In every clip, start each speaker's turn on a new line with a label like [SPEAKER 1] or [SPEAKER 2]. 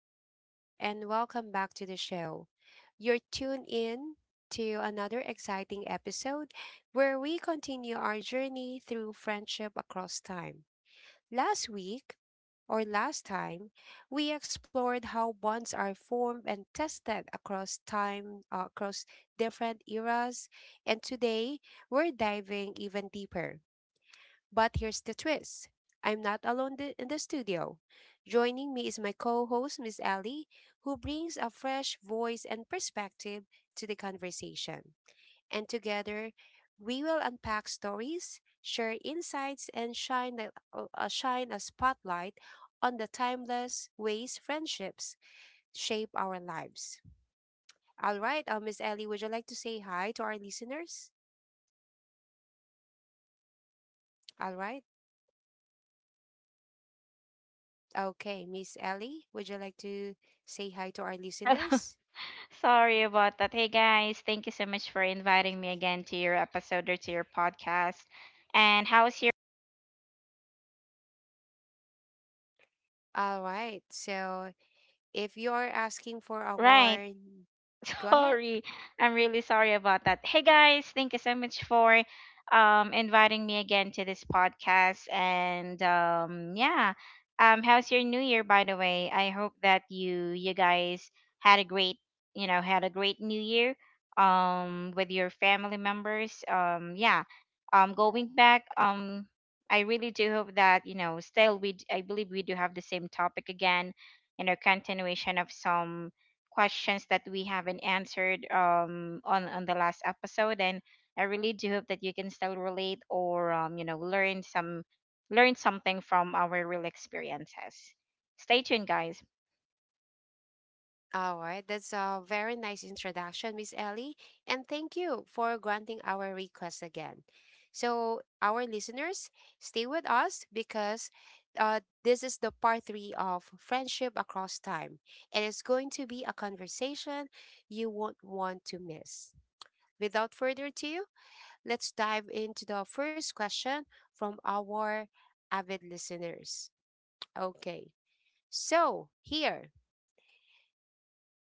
[SPEAKER 1] listeners, and welcome back to the show. You're tuned in to another exciting episode where we continue our journey through friendship across time. Last week, or last time, we explored how bonds are formed and tested across time, across different eras, and today we're diving even deeper but here's the twist I'm not alone in the studio. Joining me is my co host, Miss Ellie, who brings a fresh voice and perspective to the conversation. And together, we will unpack stories, share insights, and shine a spotlight on the timeless ways friendships shape our lives. All right, Miss Ellie, would you like to say hi to our listeners? All right. Okay, Miss Ellie, would you like to say hi to our
[SPEAKER 2] Hello.
[SPEAKER 1] listeners?
[SPEAKER 2] Sorry about that. Hey guys, thank you so much for inviting me again to your episode or to your podcast. And how's your
[SPEAKER 1] All right. So, if you are asking for a
[SPEAKER 2] right?
[SPEAKER 1] warn, go ahead.
[SPEAKER 2] Sorry. I'm really sorry about that. Hey guys, thank you so much for inviting me again to this podcast, and yeah. How's your new year, by the way? I hope that you guys had a great, had a great new year with your family members. Yeah. Going back, I really do hope that, you know, I believe we do have the same topic again, you know, continuation of some questions that we haven't answered, on the last episode, and I really do hope that you can still relate, or learn something from our real experiences. Stay tuned, guys.
[SPEAKER 1] All right. That's a very nice introduction, Miss Ellie. And thank you for granting our request again. So, our listeners, stay with us because this is the part three of Friendship Across Time. And it's going to be a conversation you won't want to miss. Without further ado, let's dive into the first question from our avid listeners. Okay, so here.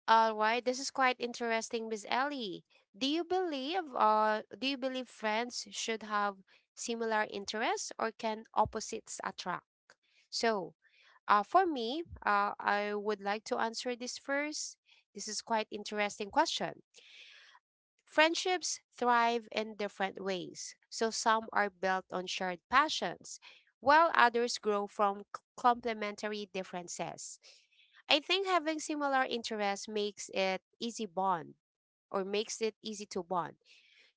[SPEAKER 1] All right, this is quite interesting, Miss Ellie. Do you believe do you believe friends should have similar interests or can opposites attract? So, for me, I would like to answer this first. This is quite interesting question. Friendships thrive in different ways, so some are built on shared passions, while others grow from complementary differences. I think having similar interests makes it easy bond or makes it easy to bond.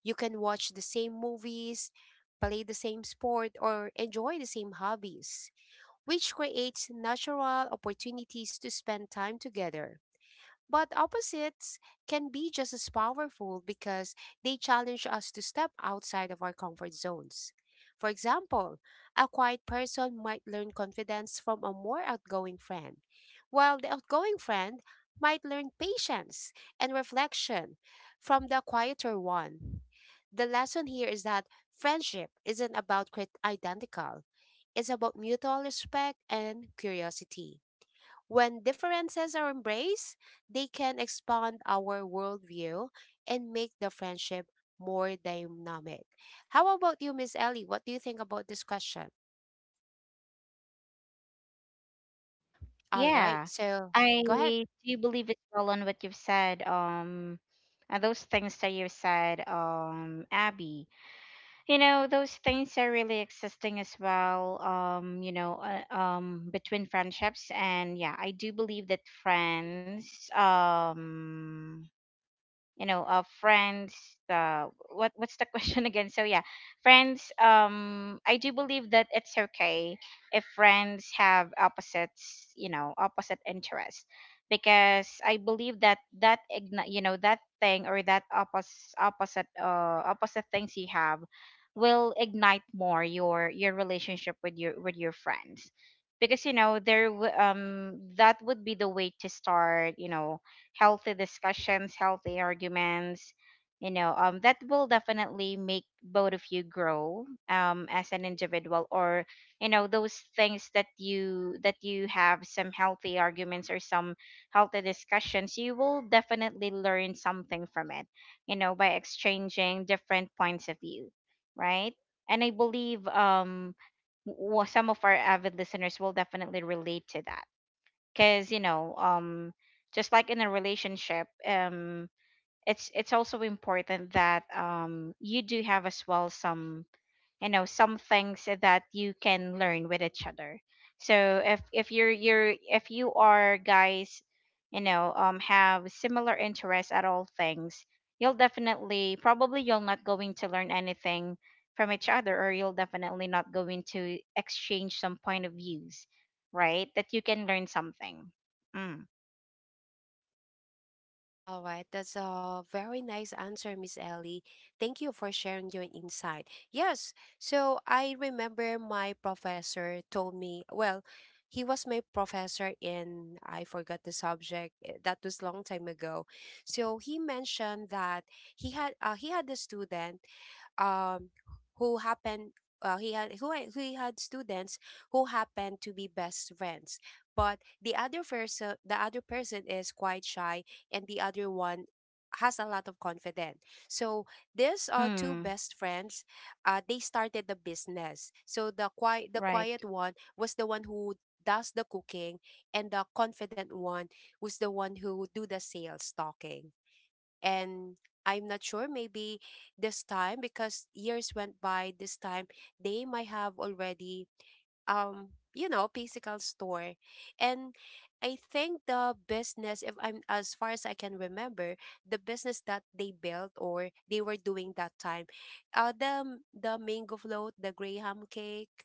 [SPEAKER 1] You can watch the same movies, play the same sport, or enjoy the same hobbies, which creates natural opportunities to spend time together. But opposites can be just as powerful because they challenge us to step outside of our comfort zones. For example, a quiet person might learn confidence from a more outgoing friend, while the outgoing friend might learn patience and reflection from the quieter one. The lesson here is that friendship isn't about identical, it's about mutual respect and curiosity. When differences are embraced, they can expand our worldview and make the friendship more dynamic. How about you, Miss Ellie? What do you think about this question? All right,
[SPEAKER 2] Yeah,
[SPEAKER 1] so
[SPEAKER 2] I
[SPEAKER 1] go ahead.
[SPEAKER 2] do believe as well on what you've said, and those things that you said, Abby, you know, those things are really existing as well, between friendships. And yeah, I do believe that friends, you know uh friends uh what's the question again, so yeah. Friends, I do believe that it's okay if friends have opposites you know opposite interests, because I believe that that igni- you know that thing, or that oppos- opposite opposite things you have will ignite more your relationship with your friends. Because, you know, that would be the way to start, you know, healthy discussions, healthy arguments, you know, that will definitely make both of you grow, as an individual, or, you know, those things that you have, some healthy arguments or some healthy discussions, you will definitely learn something from it, you know, by exchanging different points of view, right? And I believe, some of our avid listeners will definitely relate to that, because you know, just like in a relationship, it's also important that, you do have as well some, some things that you can learn with each other. So, if you're you're if you are, guys, you know, have similar interests at all things, you'll definitely, probably you'll not going to learn anything from each other, or you'll definitely not going to exchange some point of views, right, that you can learn something. Mm.
[SPEAKER 1] All right, that's a very nice answer, Miss Ellie. Thank you for sharing your insight. Yes, so I remember my professor told me, well, he was my professor in I forgot the subject. That was long time ago. So he mentioned that he had a student um, who happened he had who I- he had students who happened to be best friends, but the other person is quite shy, and the other one has a lot of confidence. So these two
[SPEAKER 2] Mm.
[SPEAKER 1] best friends, they started the business. So the
[SPEAKER 2] Right.
[SPEAKER 1] quiet one was the one who does the cooking, and the confident one was the one who do the sales talking and I'm not sure maybe this time because years went by this time they might have already physical store and I think the business if I'm as far as I can remember the business that they built or they were doing that time the mango float the graham cake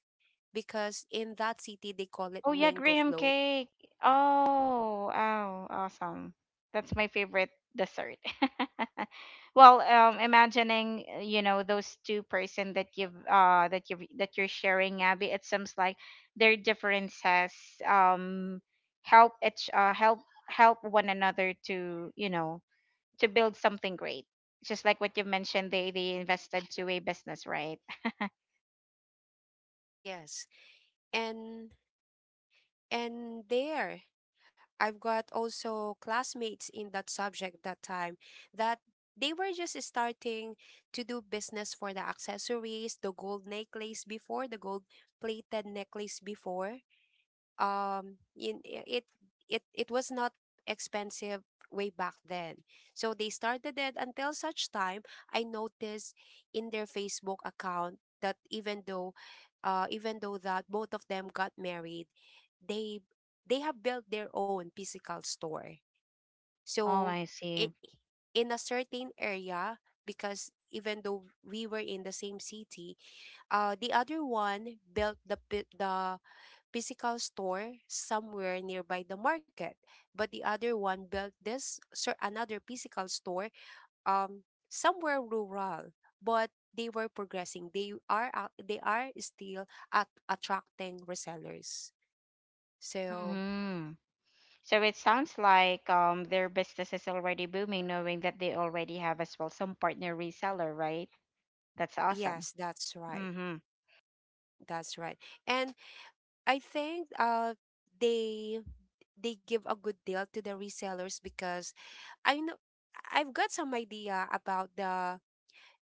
[SPEAKER 1] because in that city they call it
[SPEAKER 2] Oh yeah,
[SPEAKER 1] mango
[SPEAKER 2] graham
[SPEAKER 1] float.
[SPEAKER 2] cake. Oh, oh, awesome. That's my favorite dessert. Well, imagining, you know, those two person that you've that you that you're sharing, Abby. It seems like their differences, um help each help help one another to to build something great. Just like what you mentioned, they invested to a business, right?
[SPEAKER 1] Yes, and and there I've got also classmates in that subject that time that they were just starting to do business for the accessories, the gold necklace before, the gold plated necklace before in it it was not expensive way back then so they started it until such time I noticed in their Facebook account that even though that both of them got married they they have built their own physical store
[SPEAKER 2] Oh,
[SPEAKER 1] so
[SPEAKER 2] I see.
[SPEAKER 1] it in a certain area because even though we were in the same city the other one built the physical store somewhere nearby the market, but the other one built this another physical store somewhere rural. But they were progressing. They are still at attracting resellers. So
[SPEAKER 2] Mm-hmm. So it sounds like, their business is already booming, knowing that they already have as well some partner reseller, right? That's awesome.
[SPEAKER 1] yes, that's right.
[SPEAKER 2] Mm-hmm.
[SPEAKER 1] That's right. And I think they they give a good deal to the resellers because I know I've got some idea about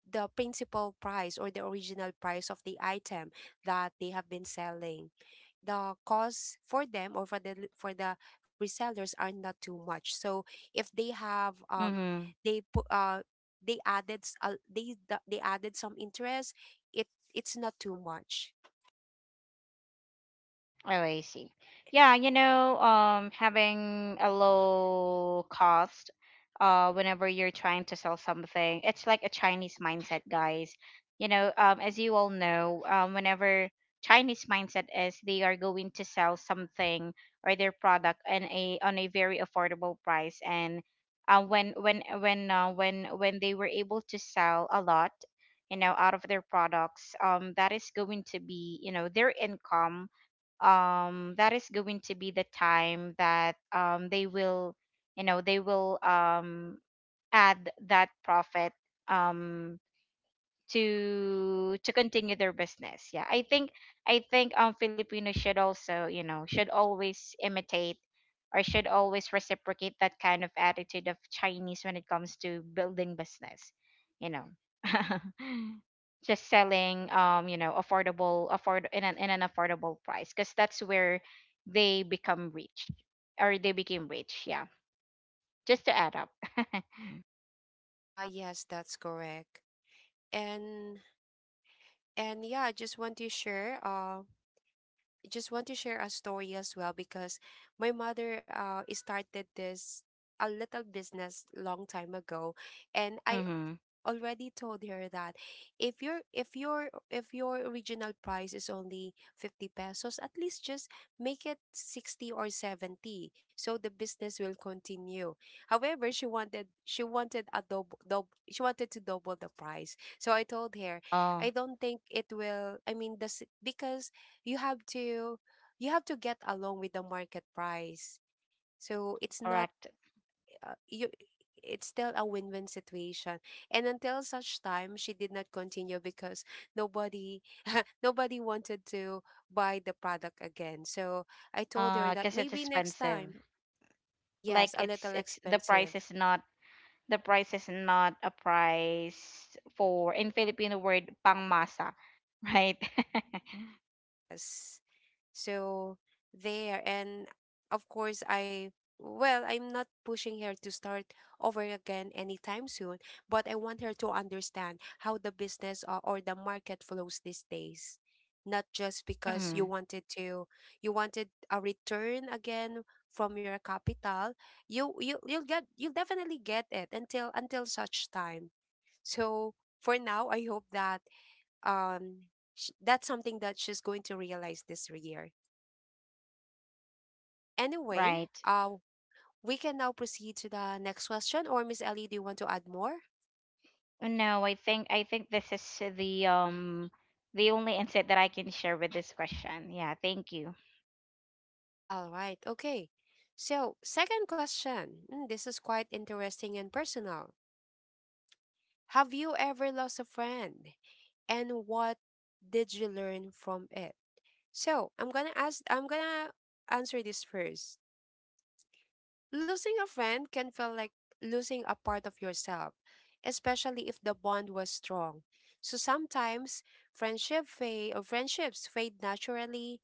[SPEAKER 1] the principal price or the original price of the item that they have been selling. The cost for them or for the resellers are not too much. So if they have
[SPEAKER 2] Mm-hmm.
[SPEAKER 1] they put they added they added some interest, it's not too much.
[SPEAKER 2] Oh, I see. Yeah, you know, having a low cost, whenever you're trying to sell something, it's like a Chinese mindset, guys. You know, as you all know, whenever Chinese mindset is, they are going to sell something or their product in a on a very affordable price, and, when they were able to sell a lot, you know, out of their products, that is going to be, you know, their income, that is going to be the time that, they will add that profit, um to continue their business. Yeah, I think Filipinos should also, you know should always imitate, or should always reciprocate that kind of attitude of Chinese when it comes to building business. You know. Just selling, you know affordable afford in an affordable price, because that's where they become rich, or they became rich. Yeah, just to add up.
[SPEAKER 1] Ah yes, that's correct. And and yeah, I just want to share. Just want to share a story as well because my mother started this a little business long time ago and I
[SPEAKER 2] Mm-hmm.
[SPEAKER 1] already told her that if your original price is only 50 pesos at least just make it 60 or 70 so the business will continue. However she wanted a double she wanted to double the price so I told her
[SPEAKER 2] Oh.
[SPEAKER 1] I don't think it will I mean this because you have to you have to get along with the market price so it's not
[SPEAKER 2] Correct.
[SPEAKER 1] you it's still a win-win situation and until such time she did not continue because nobody nobody wanted to buy the product again so I told her that
[SPEAKER 2] Because it's
[SPEAKER 1] maybe next
[SPEAKER 2] expensive,
[SPEAKER 1] time
[SPEAKER 2] like
[SPEAKER 1] yes a
[SPEAKER 2] it's
[SPEAKER 1] little
[SPEAKER 2] it's
[SPEAKER 1] expensive
[SPEAKER 2] the price is not a price for, in Filipino word, pangmasa, right?
[SPEAKER 1] yes. So there and of course I well, I'm not pushing her to start over again anytime soon, but I want her to understand how the business or the market flows these days. Not just because
[SPEAKER 2] Hmm.
[SPEAKER 1] you wanted a return again from your capital, you'll get you'll definitely get it until such time. So for now, I hope that um that's something that she's going to realize this year. Anyway,
[SPEAKER 2] Right.
[SPEAKER 1] uh, we can now proceed to the next question. Or Miss Ellie, do you want to add more?
[SPEAKER 2] No, I think this is the um the only insight that I can share with this question. Yeah, thank you.
[SPEAKER 1] All right. Okay. So, second question. Mm, this is quite interesting and personal. Have you ever lost a friend, and what did you learn from it? So, I'm gonna ask. I'm gonna answer this first. Losing a friend can feel like losing a part of yourself, especially if the bond was strong. So sometimes friendships fade naturally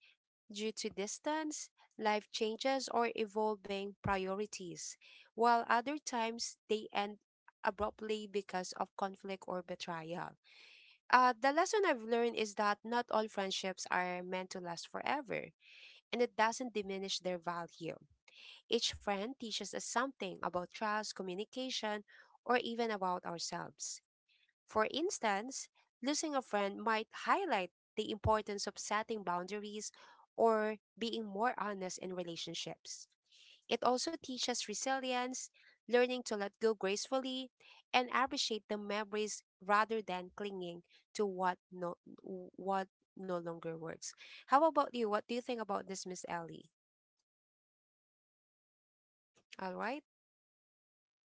[SPEAKER 1] due to distance, life changes or evolving priorities, while other times they end abruptly because of conflict or betrayal. The lesson I've learned is that not all friendships are meant to last forever, and it doesn't diminish their value. Each friend teaches us something about trust, communication, or even about ourselves. For instance, losing a friend might highlight the importance of setting boundaries or being more honest in relationships. It also teaches resilience, learning to let go gracefully, and appreciate the memories rather than clinging to what no longer works. How about you? What do you think about this, Miss Ellie? All right.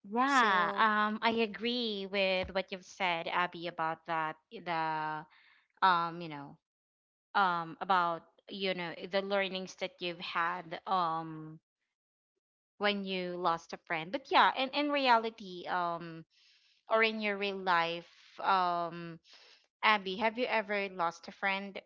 [SPEAKER 2] Yeah,
[SPEAKER 1] So
[SPEAKER 2] I agree with what you've said, Abby, about that. The you know, about, you know, the learnings that you've had, when you lost a friend, but yeah, in reality, or in your real life, um Abby, have you ever lost a friend?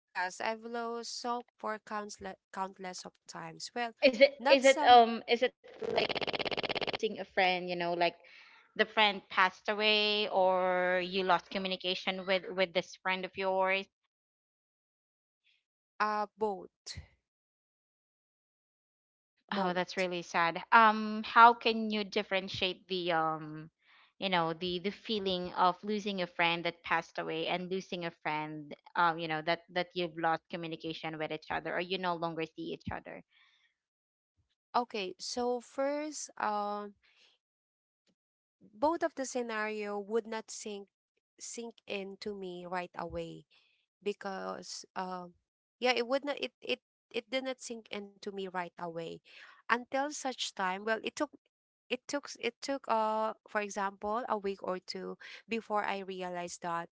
[SPEAKER 1] yes, I've lost soap for countless countless of times. Well,
[SPEAKER 2] is it
[SPEAKER 1] not
[SPEAKER 2] is it
[SPEAKER 1] some
[SPEAKER 2] um is it like losing a friend, you know, like the friend passed away, or you lost communication with, this friend of yours?
[SPEAKER 1] both.
[SPEAKER 2] Oh, that's
[SPEAKER 1] Both.
[SPEAKER 2] really sad. How can you differentiate the you know, the feeling of losing a friend that passed away, and losing a friend, you know, that you've lost communication with each other, or you no longer see each other?
[SPEAKER 1] Okay, so first both of the scenario would not sink into me right away because yeah, it would not it it it did not sink into me right away until such time well it took for example a week or two before I realized that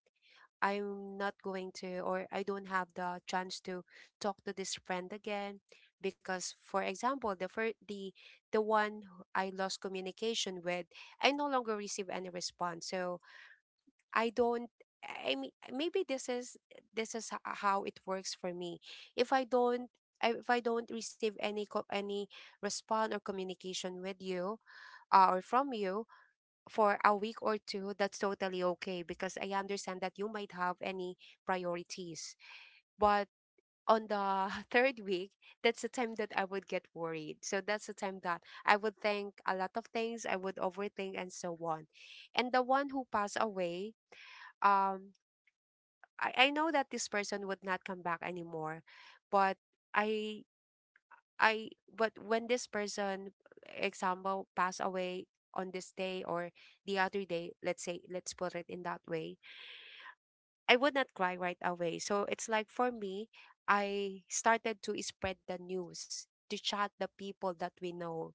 [SPEAKER 1] I'm not going to or I don't have the chance to talk to this friend again because for example the one who I lost communication with I no longer receive any response so I don't I mean maybe this is how it works for me if I don't if I don't receive any any response or communication with you or from you for a week or two, that's totally okay because I understand that you might have any priorities. But on the third week, that's the time that I would get worried. So that's the time that I would think a lot of things, I would overthink and so on. And the one who passed away, um, I know that this person would not come back anymore, but I I but when this person, example, pass away on this day or the other day, let's say let's put it in that way, I would not cry right away. So it's like, for me, I started to spread the news, to chat the people that we know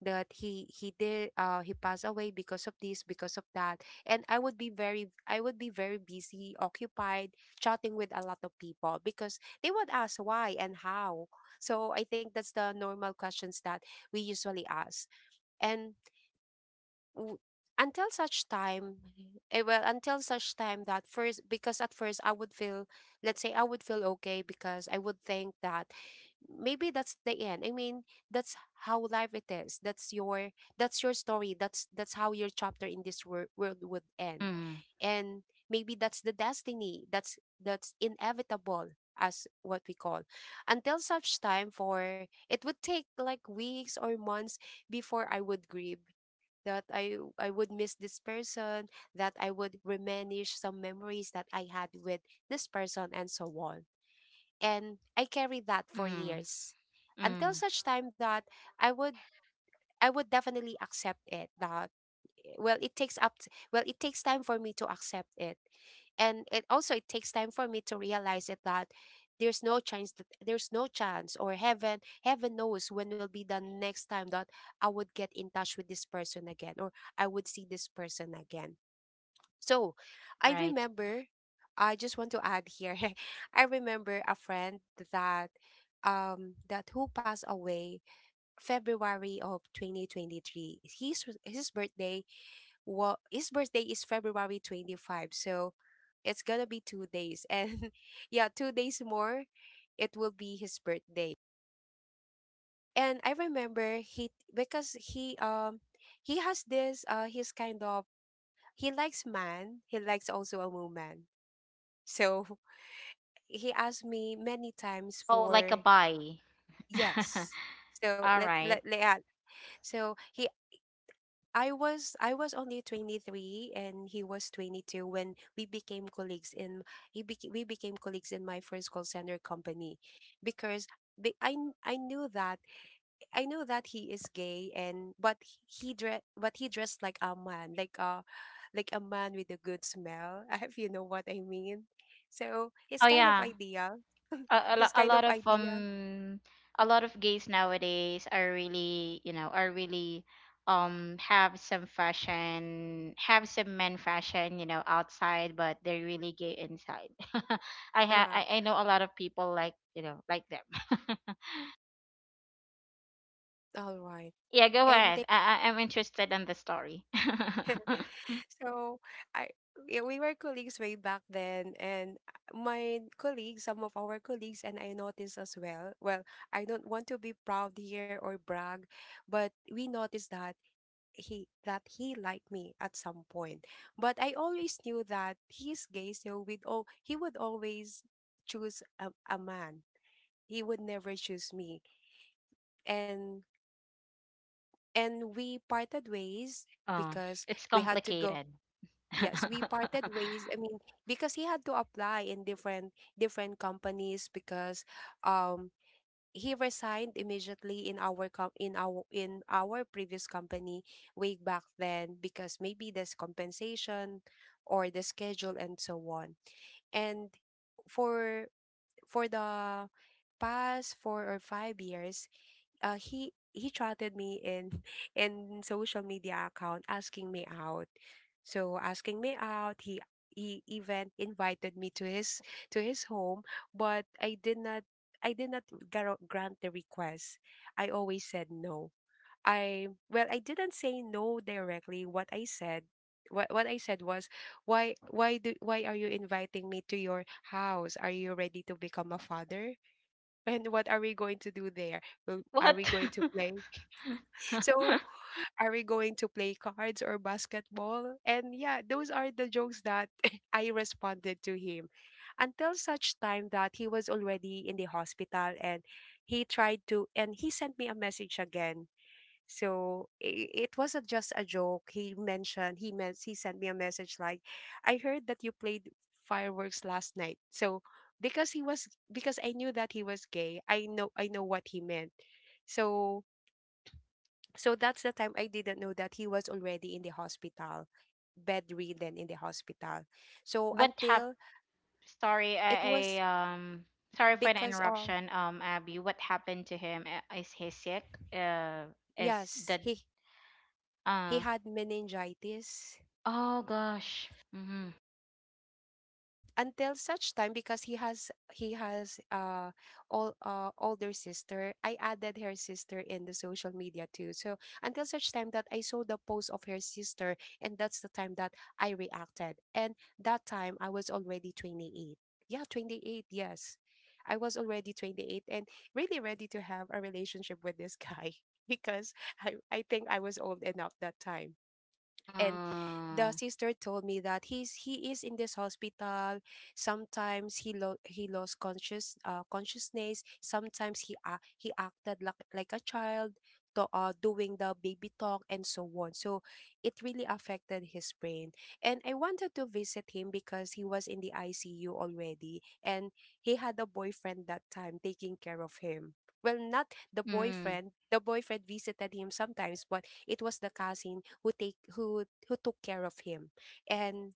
[SPEAKER 1] that he passed away because of this, because of that, and I would be very busy, occupied chatting with a lot of people because they would ask why and how. So I think that's the normal questions that we usually ask. and w- until such time until such time that, first, because at first I would feel, let's say, I would feel okay, because I would think that maybe that's the end, I mean, that's how life it is. That's your, that's your story. That's how your chapter in this world would end.
[SPEAKER 2] Mm.
[SPEAKER 1] And maybe that's the destiny, that's inevitable, as what we call. Until such time, for it would take like weeks or months before I would grieve, that I would miss this person, that I would reminisce some memories that I had with this person, and so on. And I carried that for
[SPEAKER 2] Mm.
[SPEAKER 1] years, until
[SPEAKER 2] Mm.
[SPEAKER 1] such time that I would I would definitely accept it, that, well, it takes up t- well it takes time for me to accept it, and it also, it takes time for me to realize it, that there's no chance, or heaven knows when will be the next time that I would get in touch with this person again, or I would see this person again. So, i
[SPEAKER 2] Right.
[SPEAKER 1] remember I just want to add here. I remember a friend that that who passed away February of 2023. His birthday, well, his birthday is February 25th, so it's gonna be 2 days. And yeah, 2 days more, it will be his birthday. And I remember, he, because he, he has this, he's kind of, he likes man, he likes also a woman. So, he asked me many times
[SPEAKER 2] Oh, like a
[SPEAKER 1] for...
[SPEAKER 2] bye.
[SPEAKER 1] Yes. So,
[SPEAKER 2] All
[SPEAKER 1] let let
[SPEAKER 2] right.
[SPEAKER 1] let Yeah. So, he I was only 23, and he was 22 when we became colleagues in my first call center company, because be- I kn- I knew that he is gay, and, but he dressed like a man, like a man with a good smell. If you know what I mean. So, his
[SPEAKER 2] Oh
[SPEAKER 1] kind of
[SPEAKER 2] yeah.
[SPEAKER 1] idea.
[SPEAKER 2] a, a,
[SPEAKER 1] His
[SPEAKER 2] lo- a
[SPEAKER 1] kind of
[SPEAKER 2] lot of
[SPEAKER 1] idea.
[SPEAKER 2] um a lot of gays nowadays are really, have some men fashion, you know, outside, but they're really gay inside. i ha
[SPEAKER 1] ah
[SPEAKER 2] I, I know a lot of people, like, you know, like them.
[SPEAKER 1] all right.
[SPEAKER 2] Yeah, go
[SPEAKER 1] And then,
[SPEAKER 2] ahead, I'm interested in the story.
[SPEAKER 1] So I yeah, we were colleagues way back then, and my colleagues, some of our colleagues and I noticed as well. Well, I don't want to be proud here or brag, but we noticed that he liked me at some point. But I always knew that he's gay, so we'd all he would always choose a man. He would never choose me. And and we parted ways
[SPEAKER 2] Oh,
[SPEAKER 1] because
[SPEAKER 2] it's
[SPEAKER 1] we had to go.
[SPEAKER 2] complicated.
[SPEAKER 1] Yes, we parted ways, I mean, because he had to apply in different, companies because, um he resigned immediately in our previous company way back then, because maybe there's compensation, or the schedule, and so on. And for for the past 4 or 5 years, he chatted me in, in social media account asking me out. So, asking me out, he even invited me to his, to his home, but I did not grant the request. I always said no. I well, I didn't say no directly. What I said was, why are you inviting me to your house? Are you ready to become a father? And what are we going to do there? Are we
[SPEAKER 2] What?
[SPEAKER 1] going to play? So, are we going to play cards or basketball? And yeah, those are the jokes that I responded to him, until such time that he was already in the hospital, and he sent me a message again. So, it wasn't just a joke. He mentioned, he meant, he sent me a message like, "I heard that you played fireworks last night." So, because I knew that he was gay, I know what he meant. So, that's the time I didn't know that he was already in the hospital, bedridden in the hospital. So
[SPEAKER 2] What?
[SPEAKER 1] until
[SPEAKER 2] Sorry,
[SPEAKER 1] it was
[SPEAKER 2] I sorry for the
[SPEAKER 1] because of...
[SPEAKER 2] interruption. Abby, what happened to him? Is he sick? Uh, is
[SPEAKER 1] Yes,
[SPEAKER 2] the
[SPEAKER 1] he
[SPEAKER 2] uh
[SPEAKER 1] had meningitis,
[SPEAKER 2] Oh, gosh. Mm-hmm.
[SPEAKER 1] until such time because he has all, older sister. I added her sister in the social media too, so until such time that I saw the post of her sister, and that's the time that I reacted. And that time I was already 28, yeah, 28, yes, I was already 28 and really ready to have a relationship with this guy, because I think I was old enough that time. And the
[SPEAKER 2] Uh,
[SPEAKER 1] sister told me that he is in this hospital. Sometimes he lost consciousness. Sometimes he acted like, a child, doing the baby talk and so on, so it really affected his brain. And I wanted to visit him because he was in the ICU already, and he had a boyfriend that time taking care of him. Well, not the
[SPEAKER 2] mm,
[SPEAKER 1] boyfriend, the boyfriend visited him sometimes, but it was the cousin who take who took care of him. and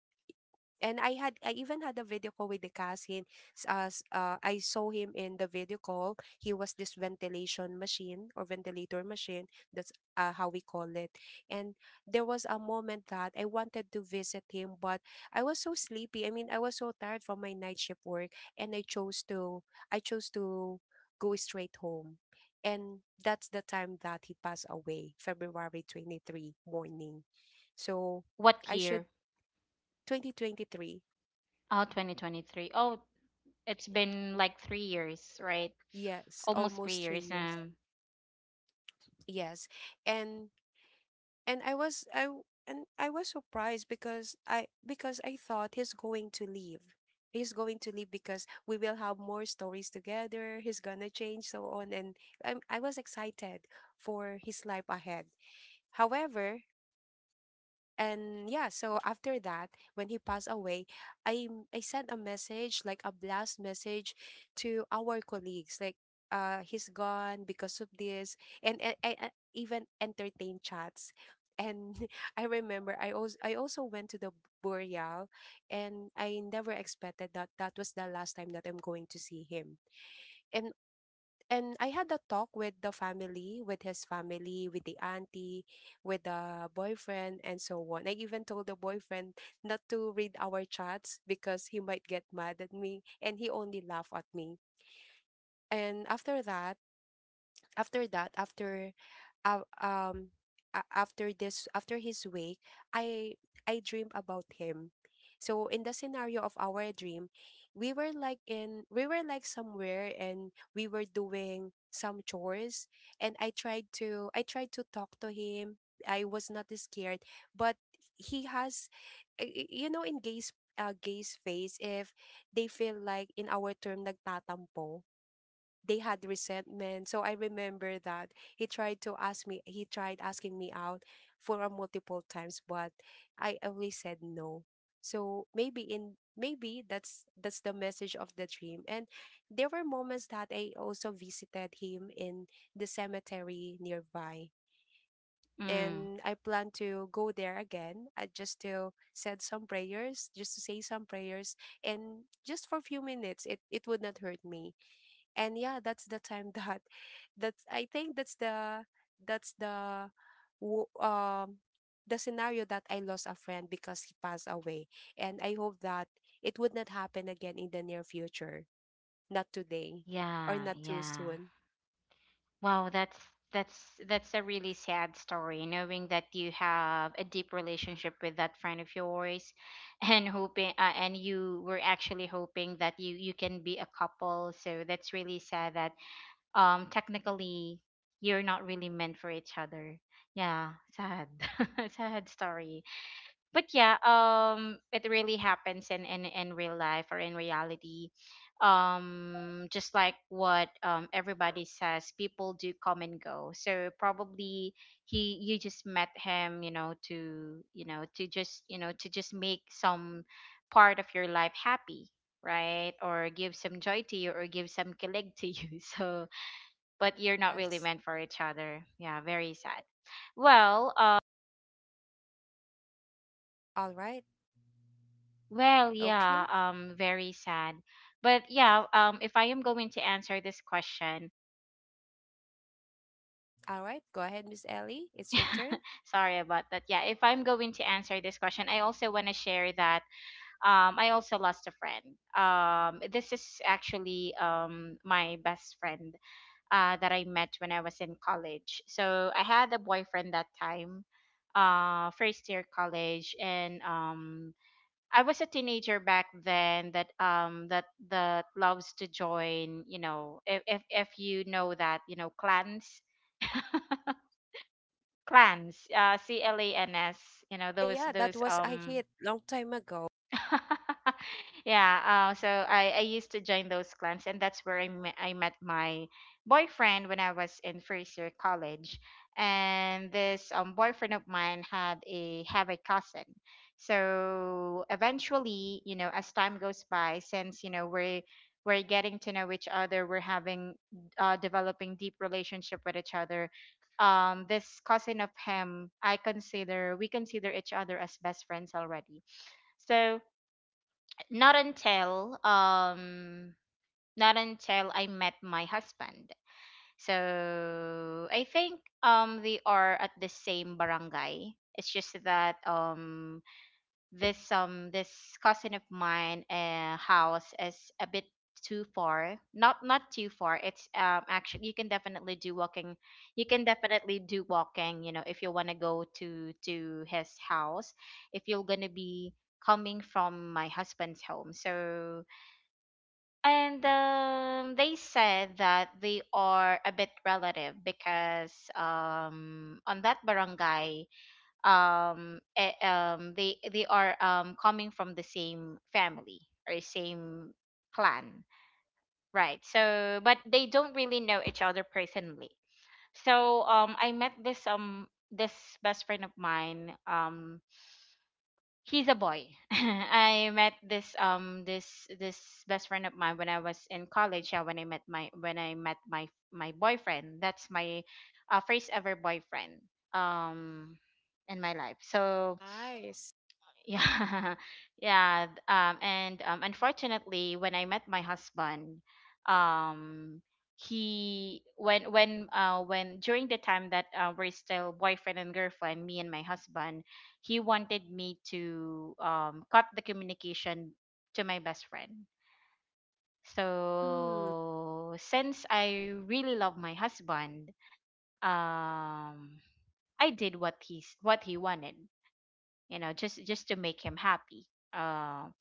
[SPEAKER 1] and I even had a video call with the cousin. As I saw him in the video call, he was this ventilation machine, or ventilator machine. That's, how we call it. And there was a moment that I wanted to visit him, but I was so sleepy. I mean, I was so tired from my night shift work, and I chose to go straight home. And that's the time that he passed away, February 23rd morning. So,
[SPEAKER 2] what
[SPEAKER 1] I should
[SPEAKER 2] year?
[SPEAKER 1] 2023.
[SPEAKER 2] 2023. Oh, it's been like 3 years, right?
[SPEAKER 1] Yes,
[SPEAKER 2] Almost three
[SPEAKER 1] almost three
[SPEAKER 2] years.
[SPEAKER 1] years. Yes, and, I was surprised because, I because I thought he's going to leave. He's going to leave because we will have more stories together. He's gonna change, so on, and I was excited for his life ahead. However. And yeah, so after that, when he passed away, I sent a message, like a blast message, to our colleagues, like, he's gone because of this, and I even entertained chats. And I remember, I also went to the burial, and I never expected that that was the last time that I'm going to see him. And and I had a talk with the family, with his family, with the auntie, with the boyfriend, and so on. I even told the boyfriend not to read our chats because he might get mad at me, and he only laughed at me. And after that, after that, after, uh, um after this, after his wake, i I dreamed about him. So in the scenario of our dream, we were like, in we were like somewhere, and we were doing some chores, and I tried to talk to him. I was not scared, but he has, in gays, gays face, if they feel like, in our term, nagtatampo, they had resentment. So I remember that he tried to ask me, he tried asking me out for a multiple times, but I always said no. So maybe, in maybe that's the message of the dream. And there were moments that I also visited him in the cemetery nearby.
[SPEAKER 2] Mm,
[SPEAKER 1] And I plan to go there again, just to said some prayers, just to say some prayers, and just for a few minutes, it would not hurt me. And yeah, that's the time, that, that's I think that's the wo- um the scenario that I lost a friend because he passed away, and I hope that it would not happen again in the near future, not today, or
[SPEAKER 2] yeah,
[SPEAKER 1] not too
[SPEAKER 2] yeah.
[SPEAKER 1] soon.
[SPEAKER 2] Wow, that's a really sad story, knowing that you have a deep relationship with that friend of yours, and you were actually hoping that you can be a couple. So that's really sad that, technically, you're not really meant for each other. Yeah, sad. Sad story. But yeah, it really happens in real life, or in reality, just like what, everybody says, people do come and go. So probably he you just met him, you know to just you know to just make some part of your life happy, right? Or give some joy to you, or give some kilig to you. So, but you're not really
[SPEAKER 1] Yes.
[SPEAKER 2] meant for each other. Yeah, very sad. Well.
[SPEAKER 1] All right.
[SPEAKER 2] Well, yeah,
[SPEAKER 1] Okay.
[SPEAKER 2] very sad. But yeah, if I am going to answer this question,
[SPEAKER 1] All right, go ahead, Miss Ellie, it's your turn.
[SPEAKER 2] sorry about that. Yeah, if I'm going to answer this question, I also want to share that, I also lost a friend. This is actually, my best friend, that I met when I was in college. So I had a boyfriend that time, first year college, and, I was a teenager back then that, that loves to join, you know, if you know that, you know, clans, clans, CLANS, you know, those
[SPEAKER 1] Yeah, that
[SPEAKER 2] those
[SPEAKER 1] was a
[SPEAKER 2] um
[SPEAKER 1] hit long time ago.
[SPEAKER 2] Yeah. So, I used to join those clans, and that's where I met my boyfriend when I was in first year college. And this, boyfriend of mine had a have a cousin. So eventually, you know, as time goes by, since you know we're getting to know each other, we're having developing deep relationship with each other. This cousin of him, I consider we consider each other as best friends already. So not until um not until I met my husband. So I think, they are at the same barangay. It's just that, this cousin of mine, house is a bit too far. Not too far. It's, actually you can definitely do walking. You can definitely do walking, you know, if you want to go to his house. If you're going to be coming from my husband's home. So, and, they said that they are a bit relative because, on that barangay, they are, coming from the same family or same clan, right? So, but they don't really know each other personally. So, I met this best friend of mine, he's a boy. I met this best friend of mine when I was in college. Yeah, when I met my boyfriend. That's my, first ever boyfriend, um in my life. So
[SPEAKER 1] Nice.
[SPEAKER 2] yeah. Yeah. th- and Unfortunately, when I met my husband, um, he when during the time that we're still boyfriend and girlfriend, me and my husband, he wanted me to cut the communication to my best friend.
[SPEAKER 1] Hmm.
[SPEAKER 2] So since I really love my husband, um, I did what he wanted, you know, just to make him happy. Um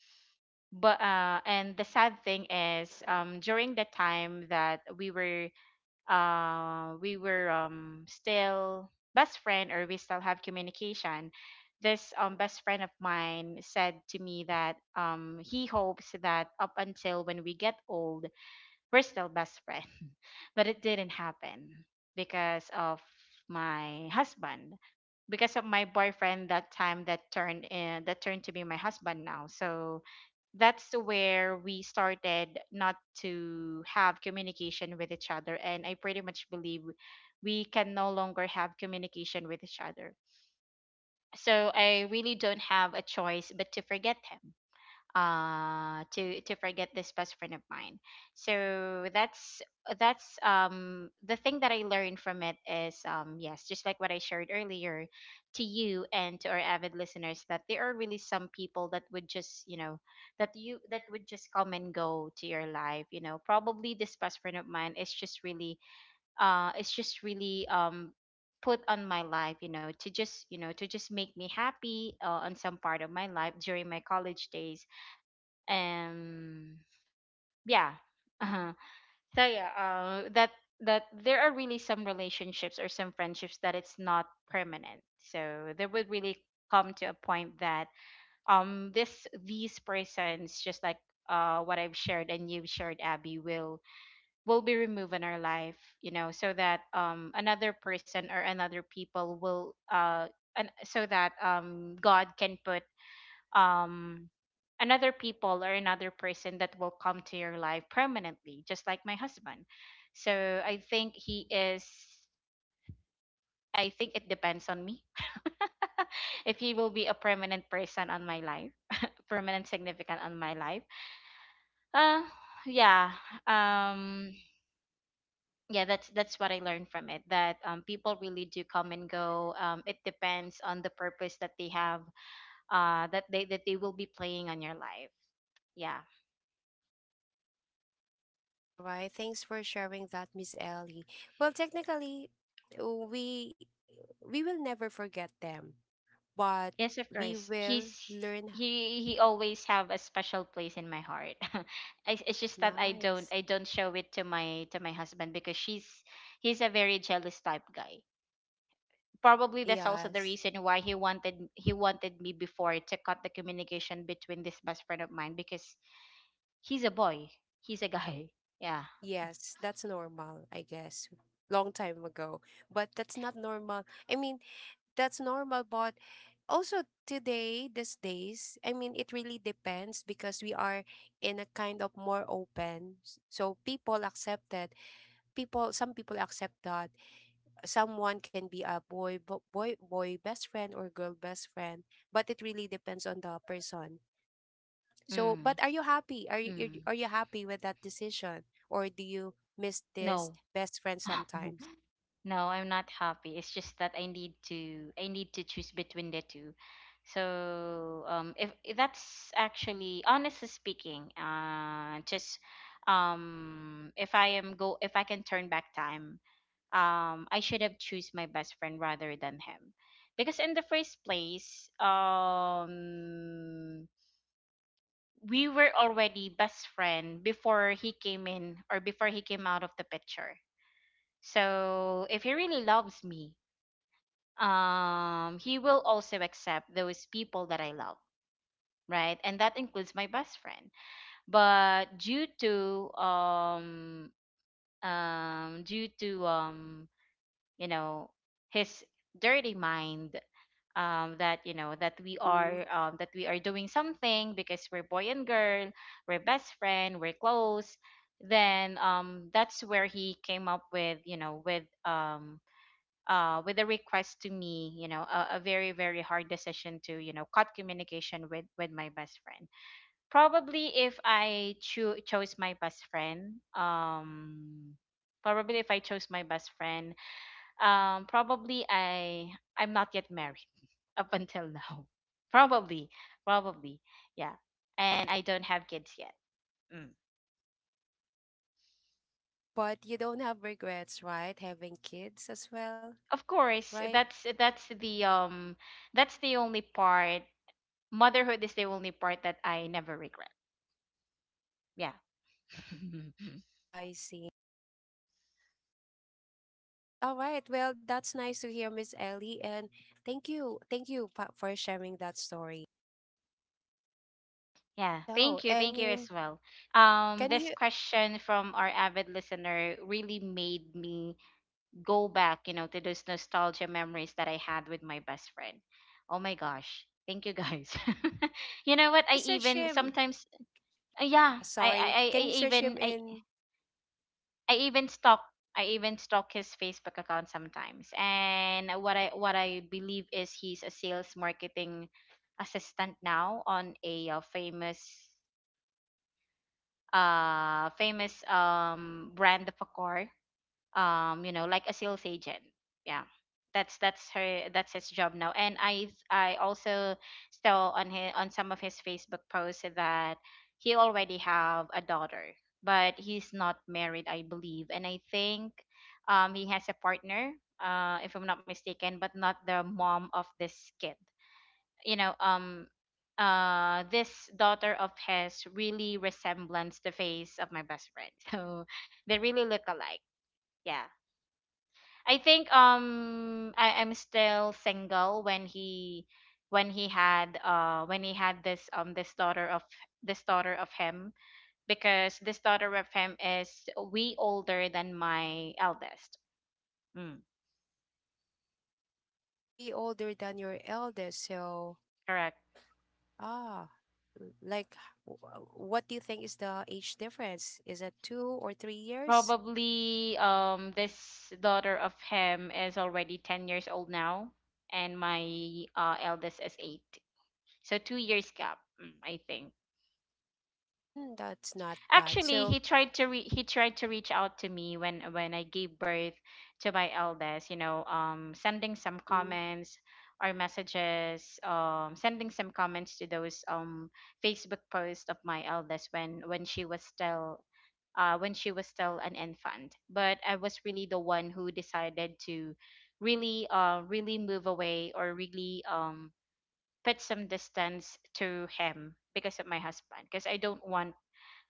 [SPEAKER 2] but and the sad thing is, during the time that we were still best friend, or we still have communication, this best friend of mine said to me that he hopes that up until when we get old we're still best friend, but it didn't happen because of my husband, because of my boyfriend that time that turned in that turned to be my husband now. So that's where we started not to have communication with each other, and I pretty much believe we can no longer have communication with each other. So I really don't have a choice but to forget him, to forget this best friend of mine. So that's the thing that I learned from it is, yes, just like what I shared earlier to you and to our avid listeners, that there are really some people that would just, you know, that would just come and go to your life. You know, probably this best friend of mine is just really it's just really, put on my life, you know, to just, you know, to just make me happy, on some part of my life during my college days. um yeah. Uh-huh. So yeah, that there are really some relationships or some friendships that it's not permanent, so there would really come to a point that, this, these persons, just like what I've shared and you've shared, Abby, will be removed in our life, you know, so that, another person or another people will, and so that, God can put, um another people or another person that will come to your life permanently, just like my husband. So I think he is, I think it depends on me if he will be a permanent person on my life, permanent significant on my life. uh yeah. um yeah, that's what I learned from it, that people really do come and go. It depends on the purpose that they have, that they will be playing on your life. Yeah.
[SPEAKER 1] All right. Thanks for sharing that, Miss Ellie. Well, technically, uh, we we will never forget them, but
[SPEAKER 2] Yes, of
[SPEAKER 1] we
[SPEAKER 2] course.
[SPEAKER 1] will
[SPEAKER 2] He's,
[SPEAKER 1] learn.
[SPEAKER 2] he always have a special place in my heart. I, it's just that I don't
[SPEAKER 1] Nice.
[SPEAKER 2] I don't show it to my husband because she's, he's a very jealous type guy. Probably that's also the
[SPEAKER 1] Yes.
[SPEAKER 2] reason why he wanted me before to cut the communication between this best friend of mine because he's a boy. He's a guy. Yeah.
[SPEAKER 1] Yes, that's normal, I guess. Long time ago, but that's not normal. I mean, that's normal, but also today, these days, I mean, it really depends because we are in a kind of more open. So people accept that. People, some people accept that someone can be a boy bo- boy boy best friend or girl best friend, but it really depends on the person. So,
[SPEAKER 2] Mm.
[SPEAKER 1] but, are you happy, are you are you
[SPEAKER 2] Mm.
[SPEAKER 1] are you happy with that decision, or do you miss this
[SPEAKER 2] No.
[SPEAKER 1] best friend sometimes?
[SPEAKER 2] No, I'm not happy. It's just that I need to choose between the two. So, if that's actually, honestly speaking, just if I am go if I can turn back time, I should have choose my best friend rather than him. Because in the first place, we were already best friend before he came in, or before he came out of the picture. So if he really loves me, he will also accept those people that I love, right? And that includes my best friend. But due to due to, you know, his dirty mind, that, you know, that we
[SPEAKER 1] Mm.
[SPEAKER 2] are, that we are doing something because we're boy and girl, we're best friend, we're close. Then, that's where he came up with, you know, with, with a request to me, you know, a very, very hard decision to, you know, cut communication with my best friend. Probably if chose my best friend, probably if I chose my best friend, probably I, I'm not yet married up until now. Probably, probably, yeah. And I don't have kids yet. Mm.
[SPEAKER 1] But you don't have regrets, right, having kids as well,
[SPEAKER 2] Of course,
[SPEAKER 1] right?
[SPEAKER 2] that's that's the only part, motherhood is the only part that I never regret. Yeah.
[SPEAKER 1] I see. All right, well, that's nice to hear, Miss Ellie, and for sharing that story.
[SPEAKER 2] Yeah,
[SPEAKER 1] So,
[SPEAKER 2] thank you.
[SPEAKER 1] I
[SPEAKER 2] Thank you
[SPEAKER 1] mean,
[SPEAKER 2] as well.
[SPEAKER 1] can
[SPEAKER 2] This
[SPEAKER 1] you
[SPEAKER 2] question from our avid listener really made me go back, you know, to those nostalgia memories that I had with my best friend. Oh my gosh. Thank you guys. You know what?
[SPEAKER 1] can
[SPEAKER 2] I
[SPEAKER 1] you search
[SPEAKER 2] even
[SPEAKER 1] him,
[SPEAKER 2] sometimes, yeah,
[SPEAKER 1] sorry. Can you search him in...
[SPEAKER 2] I even stalk I even stalk his Facebook account sometimes. And what I believe is he's a sales marketing assistant now on a, famous, famous, brand of a car, you know, like a sales agent. Yeah, that's her that's his job now. And I also saw on his, on some of his Facebook posts, that he already have a daughter, but he's not married, I believe. And I think, he has a partner, if I'm not mistaken, but not the mom of this kid, you know. This daughter of his really resembles the face of my best friend. So they really look alike. Yeah. I think, I am still single when he, when he had this, this daughter of him, because this daughter of him is way older than my eldest. Mm,
[SPEAKER 1] Way older than your eldest? So,
[SPEAKER 2] correct.
[SPEAKER 1] ah, l- like, what do you think is the age difference? Is it 2 or 3 years?
[SPEAKER 2] Probably, this daughter of him is already 10 years old now, and my, eldest is 8. So 2 years gap, mm, I think
[SPEAKER 1] Mm, that's not bad.
[SPEAKER 2] actually
[SPEAKER 1] So,
[SPEAKER 2] he tried to reach out to me when I gave birth to my eldest, you know, sending some
[SPEAKER 1] mm-mm,
[SPEAKER 2] comments or messages, sending some comments to those, Facebook posts of my eldest when she was still, when she was still an infant. But I was really the one who decided to really, really move away, or really, put some distance to him because of my husband, because I don't want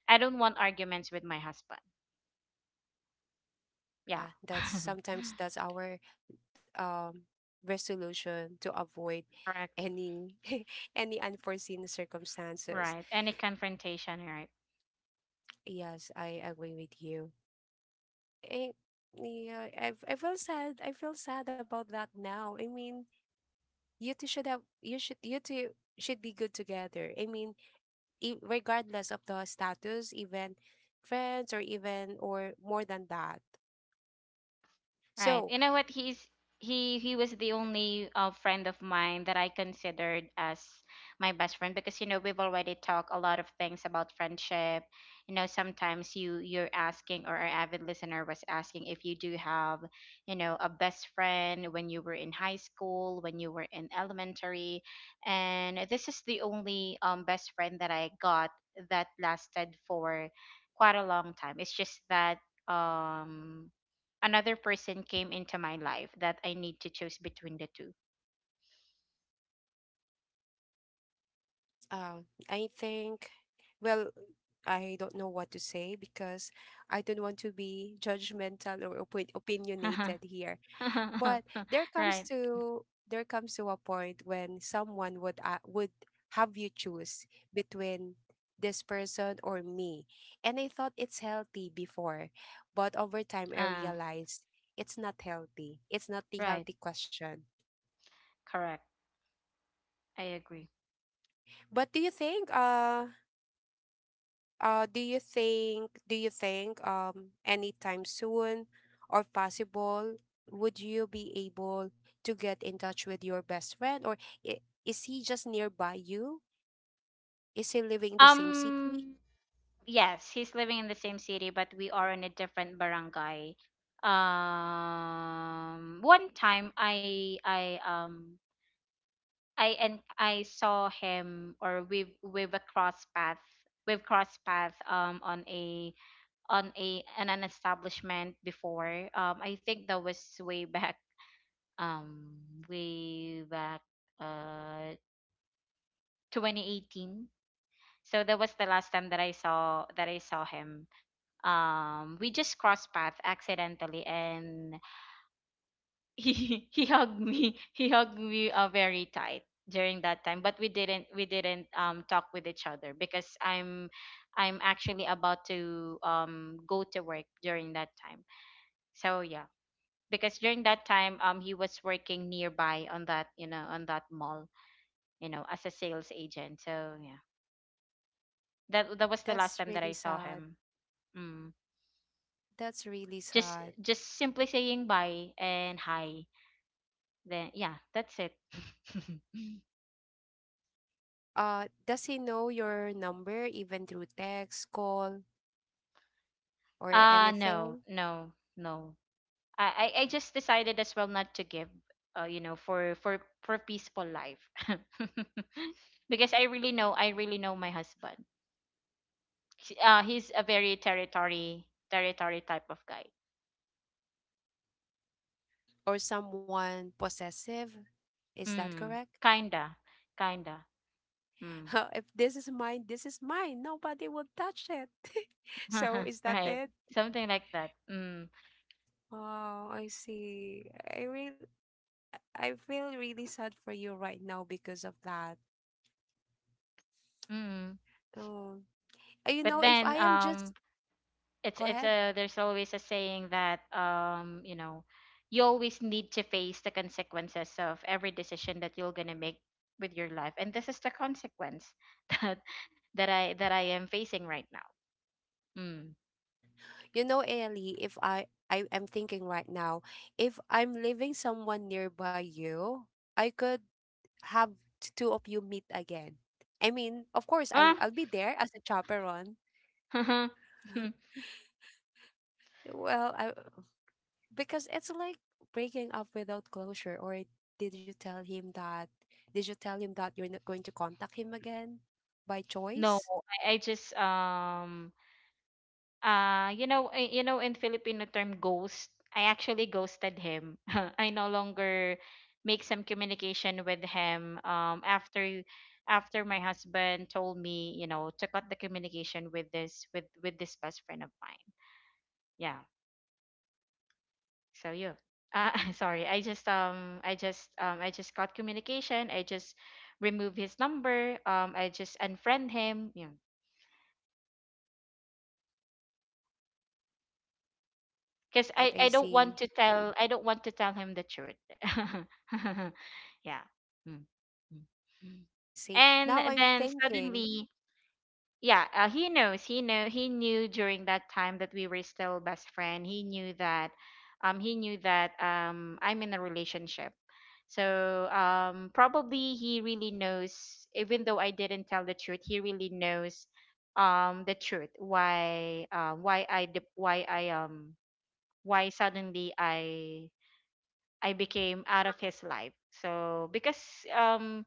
[SPEAKER 2] I don't want arguments with my husband. Yeah.
[SPEAKER 1] yeah, that's sometimes that's our um resolution to avoid
[SPEAKER 2] Correct.
[SPEAKER 1] any any unforeseen circumstances.
[SPEAKER 2] Right. Any confrontation, right?
[SPEAKER 1] Yes, I agree with you. Eh, yeah, I feel sad. I feel sad about that now. I mean, you two should be good together. I mean, regardless of the status, even friends or even or more than that.
[SPEAKER 2] Right.
[SPEAKER 1] So,
[SPEAKER 2] You know what? He's, he was the only, friend of mine that I considered as my best friend, because you know we've already talked a lot of things about friendship. You know, sometimes you're asking, or our avid listener was asking, if you do have, you know, a best friend when you were in high school, when you were in elementary, and this is the only, best friend that I got that lasted for quite a long time. It's just that, um another person came into my life that I need to choose between the two.
[SPEAKER 1] I think, well, I don't know what to say because I don't want to be judgmental or opinionated here. But there comes
[SPEAKER 2] Right.
[SPEAKER 1] to there comes to a point when someone would have you choose between this person or me, and I thought it's healthy before, but over time I
[SPEAKER 2] Uh,
[SPEAKER 1] realized it's not healthy. It's not the
[SPEAKER 2] right.
[SPEAKER 1] healthy question.
[SPEAKER 2] Correct. I agree.
[SPEAKER 1] But do you think anytime soon or possible, would you be able to get in touch with your best friend? Or i- is he just nearby you? Is he living in the same city?
[SPEAKER 2] Um, yes, he's living in the same city, but we are in a different barangay. Um, one time I saw him, or we've crossed path, on a, on an establishment before. I think that was way back, uh, 2018. So that was the last time that I saw him. We just crossed path accidentally, and he, he hugged me. He hugged me, very tight during that time, but we didn't talk with each other because I'm actually about to, go to work during that time. So yeah, because during that time, he was working nearby on that, you know, on that mall, you know, as a sales agent. So yeah, that was the last
[SPEAKER 1] That's
[SPEAKER 2] time that I
[SPEAKER 1] really
[SPEAKER 2] saw
[SPEAKER 1] sad.
[SPEAKER 2] him. Mm.
[SPEAKER 1] That's really
[SPEAKER 2] just
[SPEAKER 1] sad.
[SPEAKER 2] just simply saying bye and hi, then yeah, that's it.
[SPEAKER 1] Does he know your number even through text, call, or
[SPEAKER 2] uh no
[SPEAKER 1] anything?
[SPEAKER 2] no no. I just decided as well not to give, you know, for for peaceful life, because I really know my husband. He's a very territory, territory type of guy.
[SPEAKER 1] Or someone possessive? Is that
[SPEAKER 2] Mm,
[SPEAKER 1] correct?
[SPEAKER 2] kinda, kinda. Mm.
[SPEAKER 1] If this is mine, this is mine. Nobody will touch it. So is that
[SPEAKER 2] Right.
[SPEAKER 1] it?
[SPEAKER 2] Something like that. Mm.
[SPEAKER 1] Oh, I see. I really, I feel really sad for you right now because of that.
[SPEAKER 2] Mm.
[SPEAKER 1] Oh, you know,
[SPEAKER 2] But
[SPEAKER 1] if I
[SPEAKER 2] then,
[SPEAKER 1] am just go
[SPEAKER 2] it's
[SPEAKER 1] ahead.
[SPEAKER 2] a there's always a saying that, you know, you always need to face the consequences of every decision that you're going to make with your life, and this is the consequence that that I am facing right now. Mm.
[SPEAKER 1] You know, Ellie, if I am thinking right now, if I'm leaving someone nearby you, I could have two of you meet again. I mean, of course,
[SPEAKER 2] Ah.
[SPEAKER 1] I'll be there as a chaperone. Well, I Because it's like breaking up without closure. Or did you tell him that, did you tell him that you're not going to contact him again by
[SPEAKER 2] No,
[SPEAKER 1] choice?
[SPEAKER 2] I just um, uh, you know, eh, you know, in Filipino term ghost, I actually ghosted him. I no longer make some communication with him. After my husband told me, you know, to cut the communication with this best friend of mine. Yeah.
[SPEAKER 1] Mm, I
[SPEAKER 2] So yeah.
[SPEAKER 1] see.
[SPEAKER 2] Sorry. I just I just cut communication. I just remove his number. I just unfriend him. Yeah.
[SPEAKER 1] All
[SPEAKER 2] Because
[SPEAKER 1] right, I
[SPEAKER 2] I don't
[SPEAKER 1] see.
[SPEAKER 2] want to tell I don't want to tell him the truth. Yeah. Mm. Mm.
[SPEAKER 1] I see. Now
[SPEAKER 2] And
[SPEAKER 1] I'm
[SPEAKER 2] then
[SPEAKER 1] thinking,
[SPEAKER 2] suddenly, yeah, he knows. He know he knew during that time that we were still best friend. He knew that I'm in a relationship. So probably he really knows even though I didn't tell the truth, he really knows the truth why I dip, why I why suddenly I became out of his life. So because um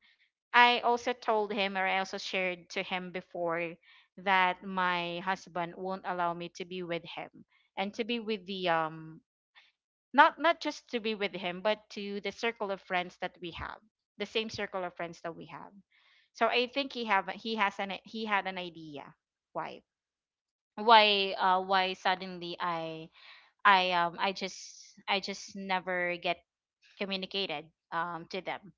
[SPEAKER 2] I also told him or I also shared to him before that my husband won't allow me to be with him and to be with the not just to be with him but to the circle of friends that we have, the same circle of friends that we have. So I think he have he has an he had an idea why, why why suddenly I I just never get communicated to them.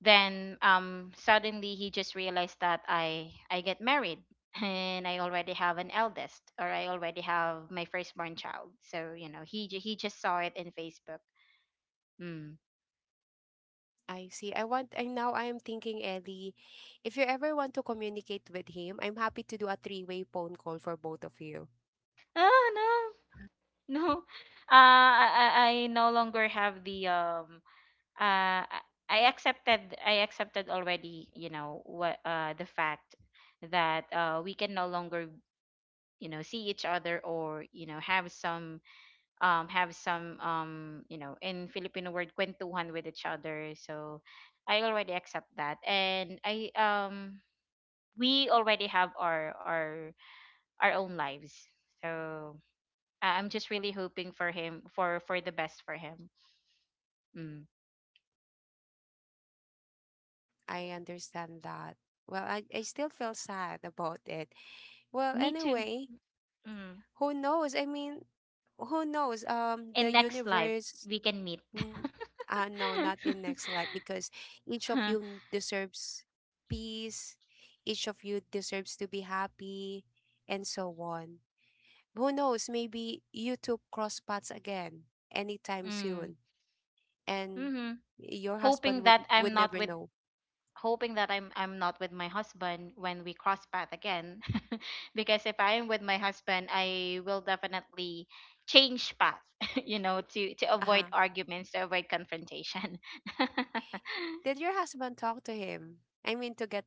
[SPEAKER 2] Then suddenly he just realized that I get married and I already have an eldest or I already have my firstborn child. So you know he just saw it in Facebook. Mm.
[SPEAKER 1] I see. I want, and now I am thinking, Ellie, if you ever want to communicate with him, I'm happy to do a three-way phone call for both of you.
[SPEAKER 2] Ah, no, no, I no longer have the uh I I accepted already, you know what, the fact that we can no longer, you know, see each other, or you know, have some you know, in Filipino word, kwentuhan with each other. So I already accept that, and I we already have our own lives. So I'm just really hoping for him, for the best for him. Mm.
[SPEAKER 1] I see. I understand that. Well, I still feel sad about it. Well,
[SPEAKER 2] Me too.
[SPEAKER 1] anyway,
[SPEAKER 2] Mm.
[SPEAKER 1] who knows? I mean, who knows?
[SPEAKER 2] In
[SPEAKER 1] The
[SPEAKER 2] next life
[SPEAKER 1] universe.
[SPEAKER 2] we can meet.
[SPEAKER 1] n- No, not in next life because each of you deserves peace. Each of you deserves to be happy, and so on. Who knows? Maybe you two cross paths again anytime
[SPEAKER 2] Mm.
[SPEAKER 1] soon, and
[SPEAKER 2] Hmm.
[SPEAKER 1] your husband
[SPEAKER 2] Hoping that
[SPEAKER 1] would
[SPEAKER 2] I'm
[SPEAKER 1] never
[SPEAKER 2] not with
[SPEAKER 1] know.
[SPEAKER 2] Hoping that I'm not with my husband when we cross path again. Because if I am with my husband, I will definitely change path, you know, to
[SPEAKER 1] Uh
[SPEAKER 2] avoid
[SPEAKER 1] huh.
[SPEAKER 2] arguments, to avoid confrontation.
[SPEAKER 1] Did your husband talk to him? I mean, to get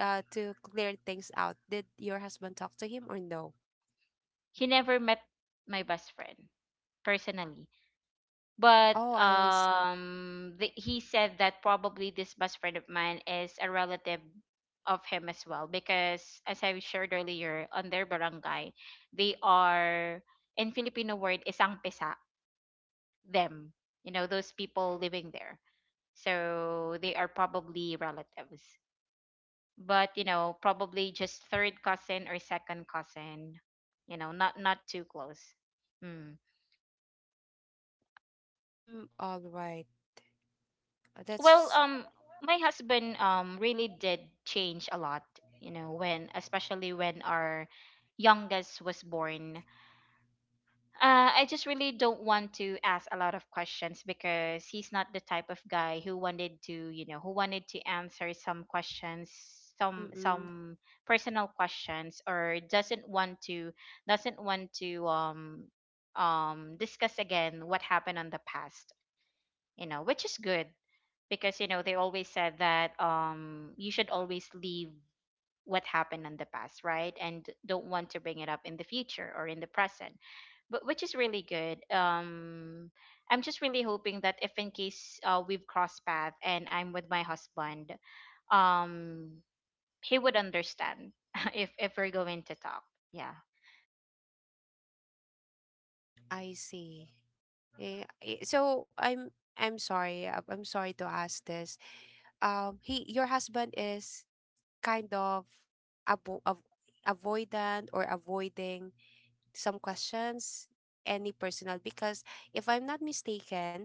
[SPEAKER 1] to clear things out. Did your husband talk to him or no?
[SPEAKER 2] He never met my best friend personally. But
[SPEAKER 1] Oh, I see.
[SPEAKER 2] the, he said that probably this best friend of mine is a relative of him as well, because as I shared earlier, on their barangay, they are, in Filipino word, isang pisa them. You know, those people living there, so they are probably relatives. But you know, probably just third cousin or second cousin. You know, not too close. Hmm.
[SPEAKER 1] Mm, all right. That's
[SPEAKER 2] Well,
[SPEAKER 1] just-
[SPEAKER 2] my husband really did change a lot, you know, when, especially when our youngest was born. I just really don't want to ask a lot of questions, because he's not the type of guy who wanted to, you know, who wanted to answer some questions, some
[SPEAKER 1] mm-mm,
[SPEAKER 2] some personal questions, or doesn't want to, doesn't want to um discuss again what happened on the past, you know, which is good, because you know, they always said that you should always leave what happened in the past, right, and don't want to bring it up in the future or in the present. But which is really good. Um, I'm just really hoping that if in case we've crossed path and I'm with my husband, um he would understand if we're going to talk. Yeah.
[SPEAKER 1] I see. Yeah. So I'm sorry. Uh, I'm sorry to ask this. He, your husband is kind of avo av avoidant, or avoiding some questions, any personal, because if I'm not mistaken,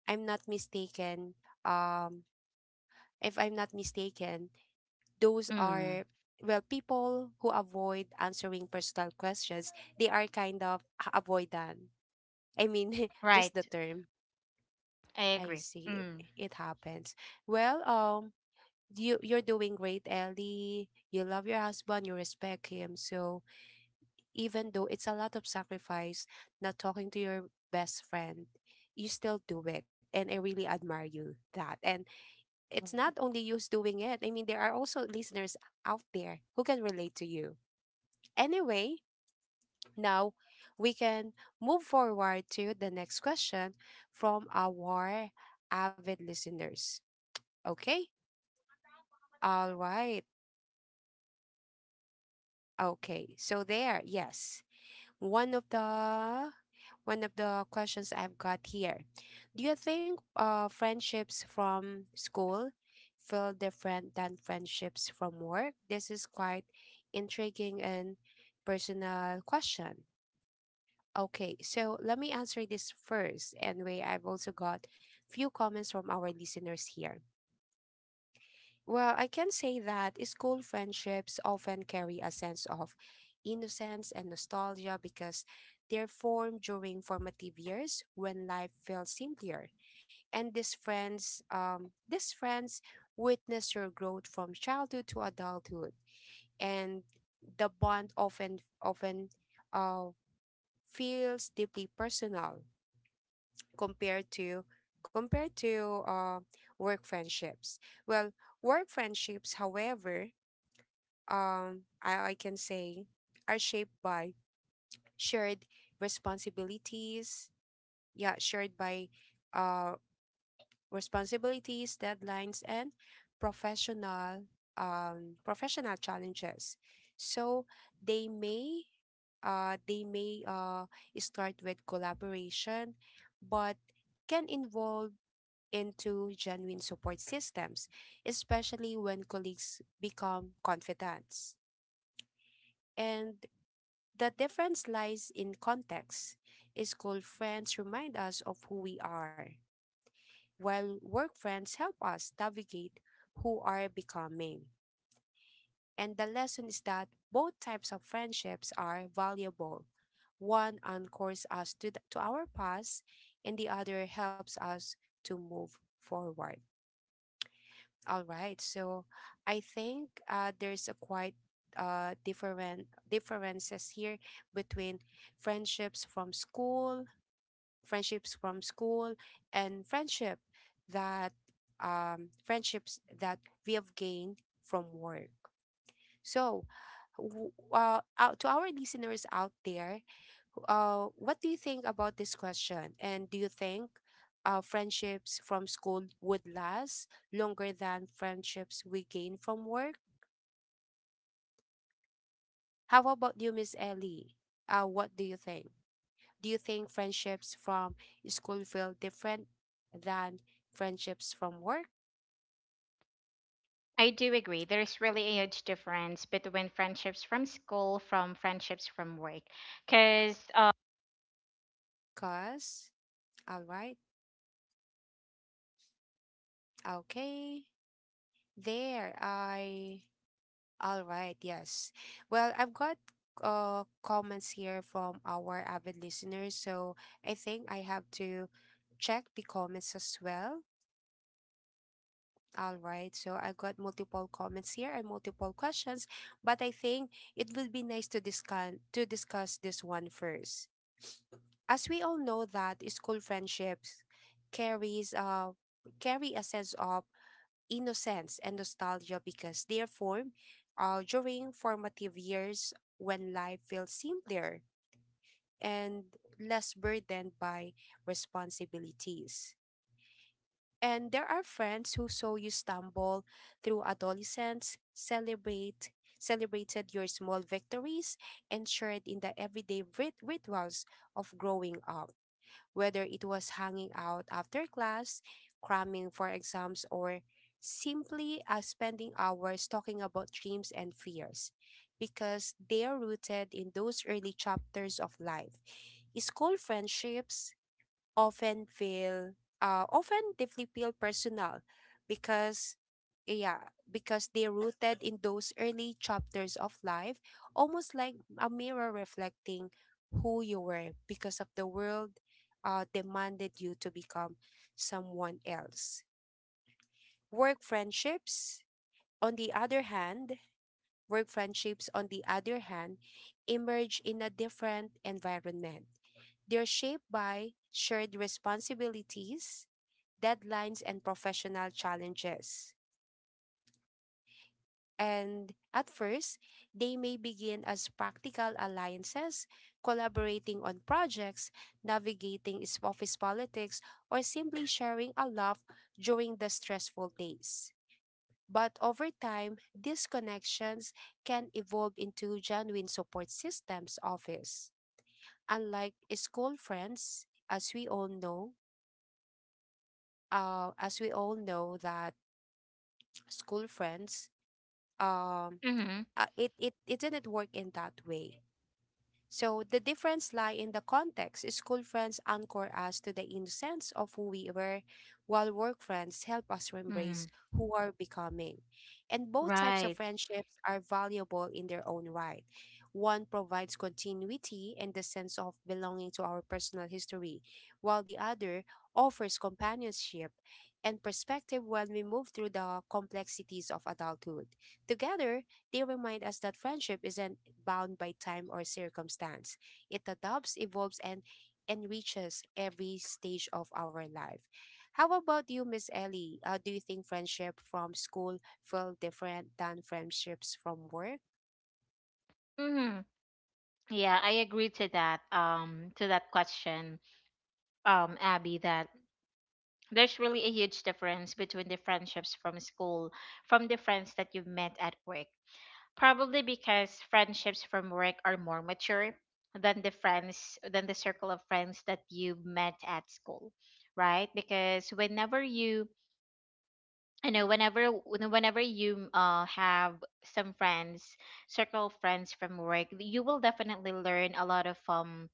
[SPEAKER 1] I'm not mistaken. Um, if I'm not mistaken, those
[SPEAKER 2] Mm,
[SPEAKER 1] are, well, people who avoid answering personal questions, they are kind of avoidant. I mean, just the
[SPEAKER 2] right.
[SPEAKER 1] term.
[SPEAKER 2] I
[SPEAKER 1] I
[SPEAKER 2] agree.
[SPEAKER 1] see.
[SPEAKER 2] Mm.
[SPEAKER 1] It happens. Well, you you're doing great, Ellie. You love your husband, you respect him, so even though it's a lot of sacrifice not talking to your best friend, you still do it, and I really admire you that. And it's not only you who's doing it. I mean, there are also listeners out there who can relate to you. Anyway, now we can move forward to the next question from our avid listeners. Okay? All right. Okay. So there, yes. One of the One of the questions I've got here. Do you think friendships from school feel different than friendships from work? This is quite intriguing and personal question. Okay, so let me answer this first. Anyway, I've also got few comments from our listeners here. Well, I can say that school friendships often carry a sense of innocence and nostalgia because they're formed during formative years when life felt simpler. And these friends, witness your growth from childhood to adulthood, and the bond often uh, feels deeply personal compared to compared to uh, work friendships. Well, work friendships, however, I can say are shaped by shared responsibilities. Yeah, shared by uh, responsibilities, deadlines, and professional professional challenges. So they may uh, they may uh, start with collaboration, but can involve into genuine support systems, especially when colleagues become confidants. And the difference lies in context. School friends remind us of who we are, while work friends help us navigate who are becoming. And the lesson is that both types of friendships are valuable. One anchors us to, to our past, and the other helps us to move forward. All right. So I think there's a quite different differences here between friendships from school, friendships from school, and friendship that friendships that we have gained from work. So, out to our listeners out there, what do you think about this question? And do you think friendships from school would last longer than friendships we gain from work? How about you, Miss Ellie? What do you think? Do you think friendships from school feel different than friendships from work?
[SPEAKER 2] I do agree. There's really a huge difference between friendships from school, from friendships from work. Because,
[SPEAKER 1] Cause, all right, okay, there. I All right, yes. Well, I've got comments here from our avid listeners, so I think I have to check the comments as well. All right, so I got multiple comments here and multiple questions, but I think it would be nice to discuss this one first. As we all know that school friendships carries carry a sense of innocence and nostalgia because they are formed during formative years when life feels simpler and less burdened by responsibilities. And there are friends who saw you stumble through adolescence, celebrated your small victories, and shared in the everyday rituals of growing up, whether it was hanging out after class, cramming for exams, or simply spending hours talking about dreams and fears because they are rooted in those early chapters of life. School friendships often feel often deeply feel personal because, yeah, because they're rooted in those early chapters of life, almost like a mirror reflecting who you were because of the world demanded you to become someone else. Work friendships on the other hand, work friendships on the other hand emerge in a different environment. They're shaped by shared responsibilities, deadlines, and professional challenges. And at first, they may begin as practical alliances, collaborating on projects, navigating office politics, or simply sharing a laugh during the stressful days. But over time, these connections can evolve into genuine support systems office. Unlike school friends, as we all know, as we all know that school friends, um
[SPEAKER 2] mm-hmm,
[SPEAKER 1] it didn't work in that way. So the difference lie in the context. School friends anchor us to the innocence of who we were, while work friends help us to
[SPEAKER 2] mm-hmm,
[SPEAKER 1] embrace who we are becoming. And both types of
[SPEAKER 2] right.
[SPEAKER 1] friendships are valuable in their own right. One provides continuity and the sense of belonging to our personal history, while the other offers companionship and perspective when we move through the complexities of adulthood. Together, they remind us that friendship isn't bound by time or circumstance. It adopts, evolves, and enriches every stage of our life. How about you, Miss Ellie? Do you think friendship from school feel different than friendships from work?
[SPEAKER 2] Mm-hmm. Yeah, I agree to that question, Abby, that there's really a huge difference between the friendships from school, from the friends that you've met at work. Probably because friendships from work are more mature than the friends, than the circle of friends that you met at school, right? Because whenever you, I know whenever, whenever you have some friends, circle friends from work, you will definitely learn a lot of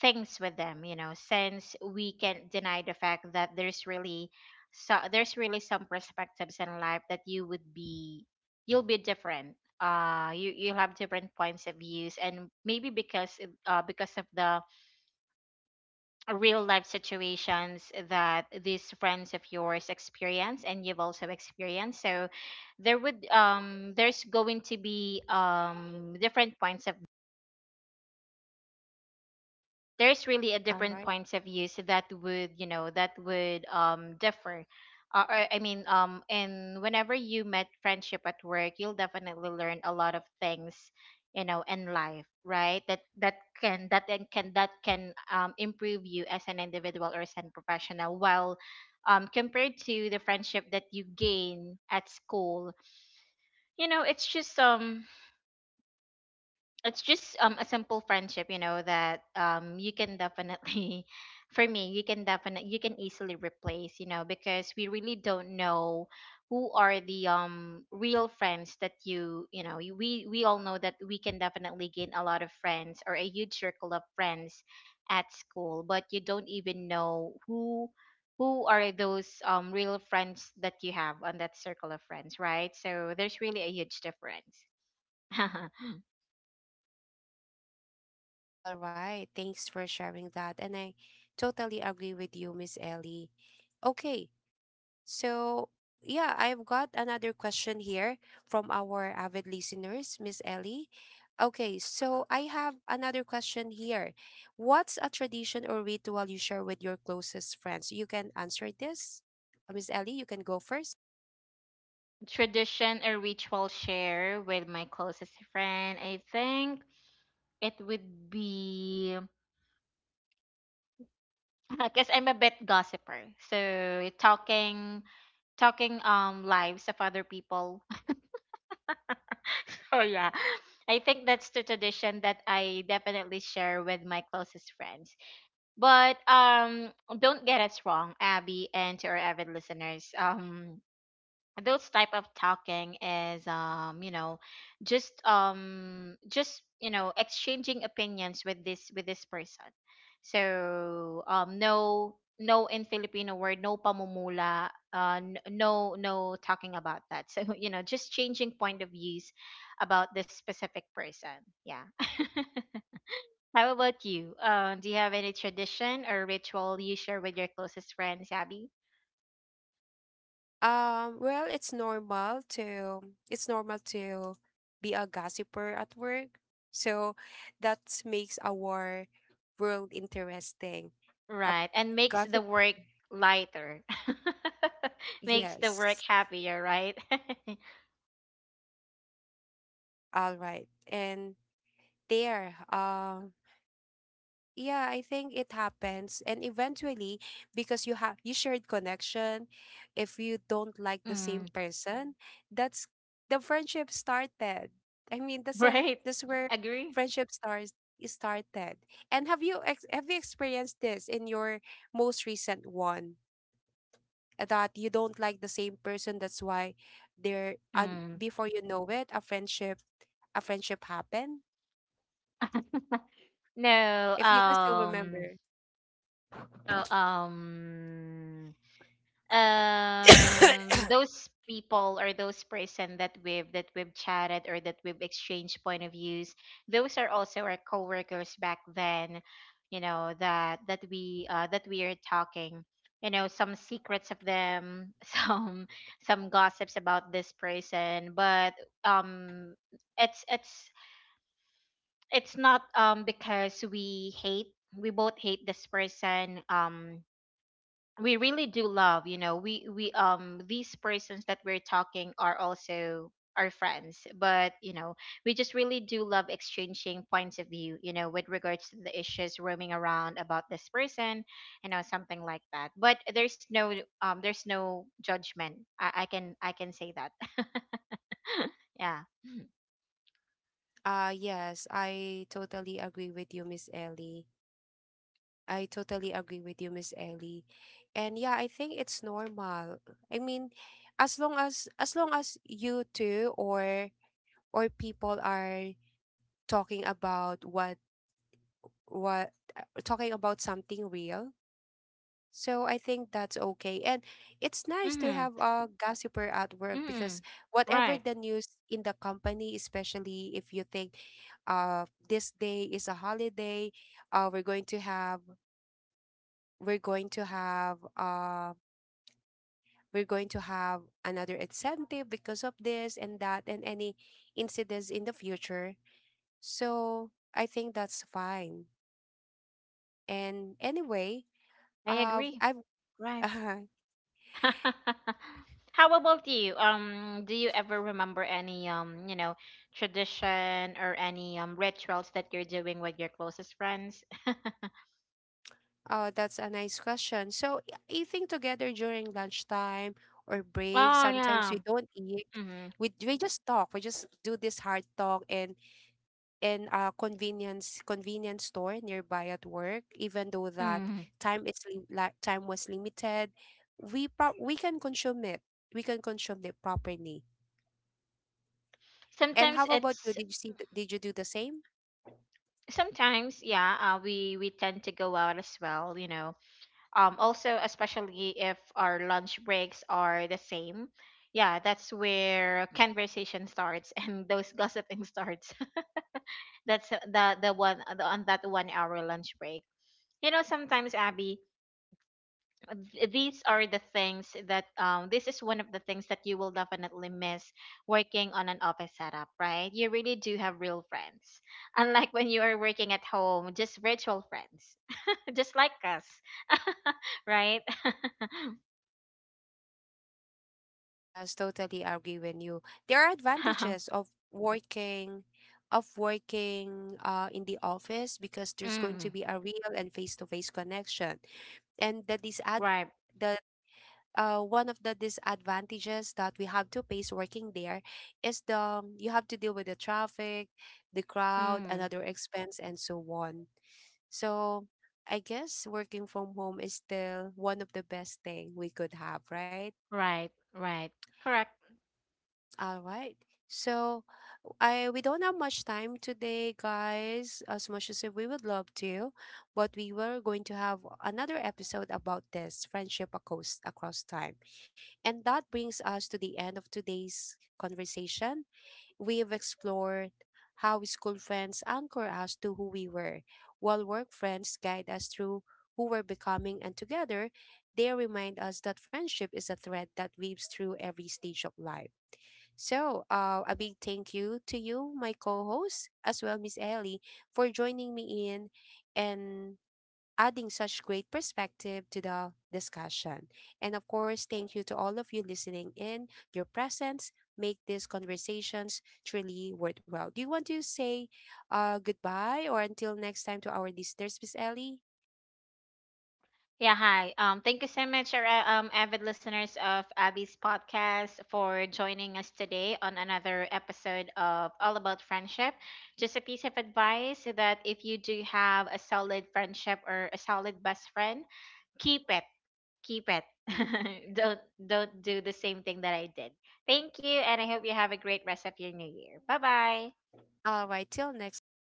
[SPEAKER 2] things with them, you know, since we can't deny the fact that there's really, so there's really some perspectives in life that you would be, you'll be different. Uh, you you'll have different points of views, and maybe because because of the real life situations that these friends of yours experience, and you've also experienced. So there would um, there's going to be different points of there's really a
[SPEAKER 1] All
[SPEAKER 2] different
[SPEAKER 1] right.
[SPEAKER 2] points of views that would, you know, that would differ. Uh, or, I mean, um, and whenever you met friendship at work, you'll definitely learn a lot of things, you know, in life, right? That that can, that then can, that can improve you as an individual or as a professional. While um, compared to the friendship that you gain at school, you know, it's just um, it's just a simple friendship, you know, that you can definitely, for me, you can definitely, you can easily replace, you know, because we really don't know who are the real friends that you know, we all know that we can definitely gain a lot of friends or a huge circle of friends at school, but you don't even know who are those real friends that you have on that circle of friends, right? So there's really a huge difference.
[SPEAKER 1] All right. Thanks for sharing that. And I totally agree with you, Miss Ellie. Okay. So, yeah, I've got another question here from our avid listeners, Miss Ellie. Okay, so I have another question here. What's a tradition or ritual you share with your closest friends? You can answer this. Miss Ellie, you can go first.
[SPEAKER 2] Tradition or ritual share with my closest friend, I think it would be, because I'm a bit gossiper. So talking, talking lives of other people. Oh yeah. I think that's the tradition that I definitely share with my closest friends. But um, don't get us wrong, Abby, and to our avid listeners. Um, those type of talking is, um, you know, just um, just you know, exchanging opinions with this, with this person. So um, no, no, in filipino word, no pamumula, uh, no, no talking about that. So you know, just changing point of views about this specific person. Yeah. How about you, do you have any tradition or ritual you share with your closest friends, Abby?
[SPEAKER 1] Well, it's normal to it's normal to be a gossiper at work. So that makes our world interesting. A
[SPEAKER 2] Right. And makes the
[SPEAKER 1] gossip,
[SPEAKER 2] work lighter. Makes the work
[SPEAKER 1] yes.
[SPEAKER 2] happier, right?
[SPEAKER 1] All right. And there, yeah, I think it happens. And eventually, because you shared connection, if you don't like the
[SPEAKER 2] Mm,
[SPEAKER 1] same person, that's the friendship started. I mean, that's a,
[SPEAKER 2] right.
[SPEAKER 1] that's where
[SPEAKER 2] Agree.
[SPEAKER 1] friendship starts is started. And have you experienced this in your most recent one? That you don't like the same person, that's why there, and
[SPEAKER 2] Mm.
[SPEAKER 1] before you know it, a friendship happened.
[SPEAKER 2] No,
[SPEAKER 1] If you can still remember.
[SPEAKER 2] no, those people or those person that we've, that we've chatted or that we've exchanged point of views, those are also our coworkers back then, you know, that that we uh, that we are talking, you know, some secrets of them. Some gossips about this person. But um, it's it's it's not because we hate, we both hate this person. Um, we really do love, you know, we um, these persons that we're talking are also our friends, but you know, we just really do love exchanging points of view, you know, with regards to the issues roaming around about this person, you know, something like that. But there's no um, there's no judgment, I can, I can say that. Yeah.
[SPEAKER 1] Yes, I totally agree with you, Miss Ellie. I totally agree with you, Miss Ellie. And yeah, I think it's normal. I mean, as long as you two, or people are talking about what talking about something real. So I think that's okay. And it's nice to
[SPEAKER 2] Mm-hmm.
[SPEAKER 1] have a gossiper at work,
[SPEAKER 2] Mm-hmm.
[SPEAKER 1] because whatever
[SPEAKER 2] Right.
[SPEAKER 1] the news in the company, especially if you think this day is a holiday, we're going to have we're going to have we're going to have another incentive because of this and that, and any incidents in the future. So I think that's fine. And anyway,
[SPEAKER 2] I
[SPEAKER 1] uh,
[SPEAKER 2] agree.
[SPEAKER 1] I've
[SPEAKER 2] Right. How about you? Do you ever remember any you know, tradition or any rituals that you're doing with your closest friends?
[SPEAKER 1] Oh, that's a nice question. So, eating together during lunchtime or break,
[SPEAKER 2] Oh
[SPEAKER 1] sometimes
[SPEAKER 2] yeah.
[SPEAKER 1] we don't eat.
[SPEAKER 2] Hmm.
[SPEAKER 1] We just talk. We just do this hard talk in a convenience convenience store nearby at work. Even though that
[SPEAKER 2] Hmm.
[SPEAKER 1] time is like time was limited, we can consume it. We can consume it properly. And how
[SPEAKER 2] Sometimes
[SPEAKER 1] about you?
[SPEAKER 2] it's
[SPEAKER 1] Did you see? Did you do the same?
[SPEAKER 2] sometimes yeah. We tend to go out as well. You know. Also, especially if our lunch breaks are the same. Yeah, that's where conversation starts and those gossiping starts. That's on that 1 hour lunch break. You know, sometimes, Abby, these are the things that, this is one of the things that you will definitely miss working on an office setup, right? You really do have real friends. Unlike when you are working at home, just virtual friends, just like us, right?
[SPEAKER 1] Yes, totally agree with you. There are advantages of working in the office, because there's going to
[SPEAKER 2] Mm,
[SPEAKER 1] be a real and face-to-face connection. And the disad
[SPEAKER 2] right.
[SPEAKER 1] the one of the disadvantages that we have to face working there is the you have to deal with the traffic, the crowd,
[SPEAKER 2] Mm,
[SPEAKER 1] another expense, and so on. So I guess working from home is still one of the best thing we could have, right?
[SPEAKER 2] right. Right. Correct.
[SPEAKER 1] All right. So I we don't have much time today, guys. As much as we would love to, but we were going to have another episode about this friendship across time. And that brings us to the end of today's conversation. We've explored how school friends anchor us to who we were, while work friends guide us through who we're becoming, and together they remind us that friendship is a thread that weaves through every stage of life. So, a big thank you to you, my co host, as well, Miss Ellie, for joining me in and adding such great perspective to the discussion. And of course, thank you to all of you listening in. Your presence make these conversations truly worthwhile. Do you want to say goodbye or until next time to our listeners, Miss Ellie?
[SPEAKER 2] Yeah, hi. Thank you so much, our, avid listeners of Abby's podcast, for joining us today on another episode of All About Friendship. Just a piece of advice that if you do have a solid friendship or a solid best friend, keep it, keep it. Don't do the same thing that I did. Thank you, and I hope you have a great rest of your new year. Bye bye.
[SPEAKER 1] All right, till next